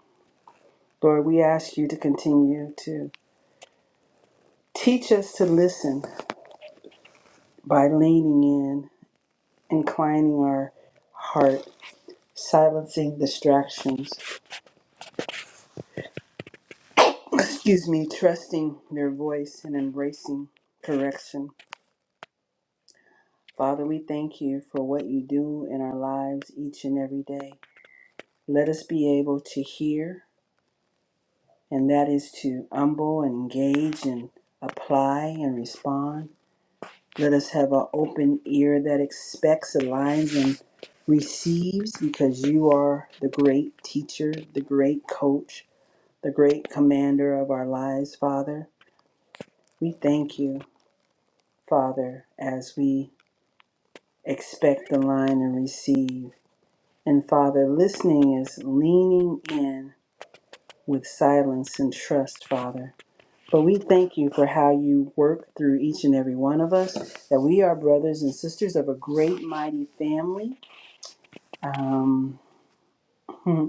Lord, we ask you to continue to teach us to listen by leaning in, inclining our heart, silencing distractions, excuse me, trusting your voice and embracing correction. Father, we thank you for what you do in our lives each and every day. Let us be able to hear and that is to humble and engage and apply and respond. Let us have an open ear that expects, aligns, and receives because you are the great teacher, the great coach, the great commander of our lives, Father. We thank you, Father, as we expect, align, and receive. And Father, listening is leaning in with silence and trust, Father. But we thank you for how you work through each and every one of us, that we are brothers and sisters of a great, mighty family. Um, hmm.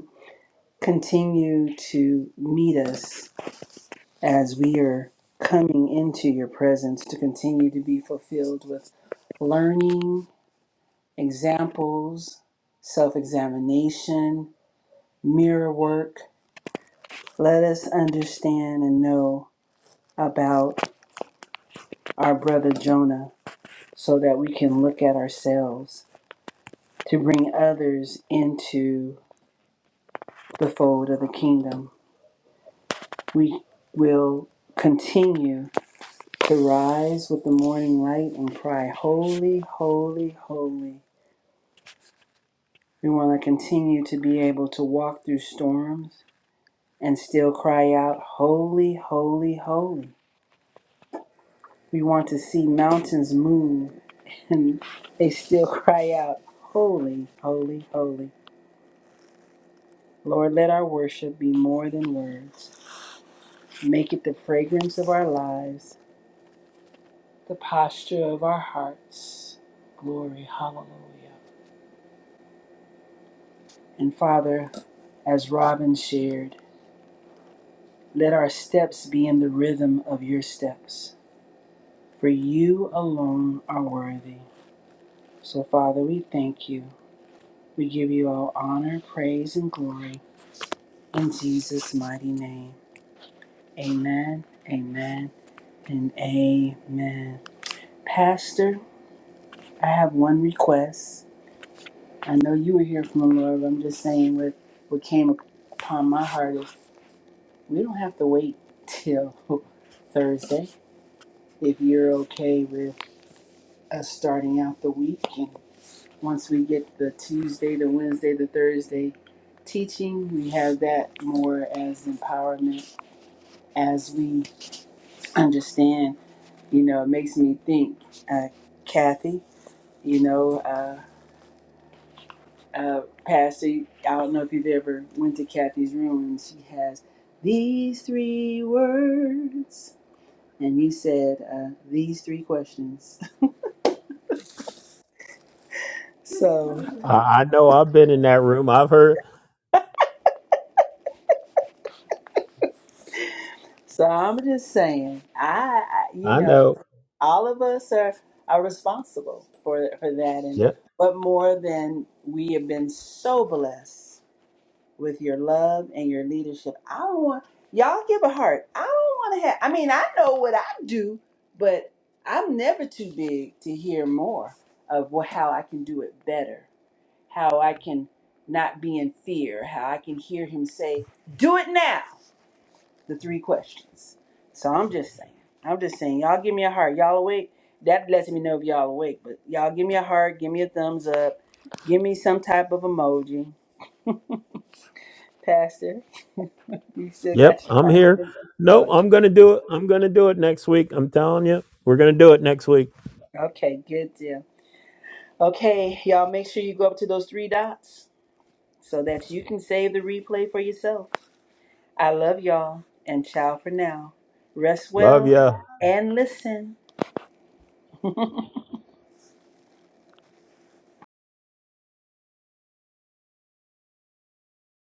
continue to meet us as we are coming into your presence to continue to be fulfilled with learning, examples, self examination, mirror work. Let us understand and know about our brother Jonah so that we can look at ourselves to bring others into the fold of the kingdom. We will continue to rise with the morning light and cry, Holy, holy, holy. We want to continue to be able to walk through storms and still cry out, Holy, holy, holy. We want to see mountains move and they still cry out, Holy, holy, holy. Lord, let our worship be more than words. Make it the fragrance of our lives, the posture of our hearts. Glory, hallelujah. And Father, as Robin shared, let our steps be in the rhythm of your steps, for you alone are worthy. So, Father, we thank you. We give you all honor, praise, and glory in Jesus' mighty name. Amen, amen, and amen. Pastor, I have one request. I know you were here from the Lord, but I'm just saying what, what came upon my heart is we don't have to wait till Thursday if you're okay with us starting out the week. And once we get the Tuesday, the Wednesday, the Thursday teaching, we have that more as empowerment as we understand. You know, it makes me think, uh, Kathy, you know. uh, uh, Pastor, I don't know if you've ever went to Kathy's room, and she has these three words, and you said uh, these three questions. So,
I, I know I've been in that room. I've heard.
so I'm just saying, I, I, you
I
know,
know.
all of us are are responsible for for that, and
Yep.
but more than we have been so blessed. with your love and your leadership. I don't want y'all give a heart. I don't want to have. I mean, I know what I do, but I'm never too big to hear more of wh- how I can do it better, how I can not be in fear, how I can hear him say, "Do it now." The three questions. So I'm just saying. I'm just saying. Y'all give me a heart. Y'all awake? That lets me know if y'all awake. But y'all give me a heart. Give me a thumbs up. Give me some type of emoji Pastor. You still
Yep.
got your
I'm
mic.
here. Nope.
Okay,
I'm gonna do it. I'm gonna do it next week. I'm telling you, we're gonna do it next week.
Okay, good deal. Okay, y'all make sure you go up to those three dots so that you can save the replay for yourself. I love y'all and ciao for now. Rest
Love
well
ya.
and listen.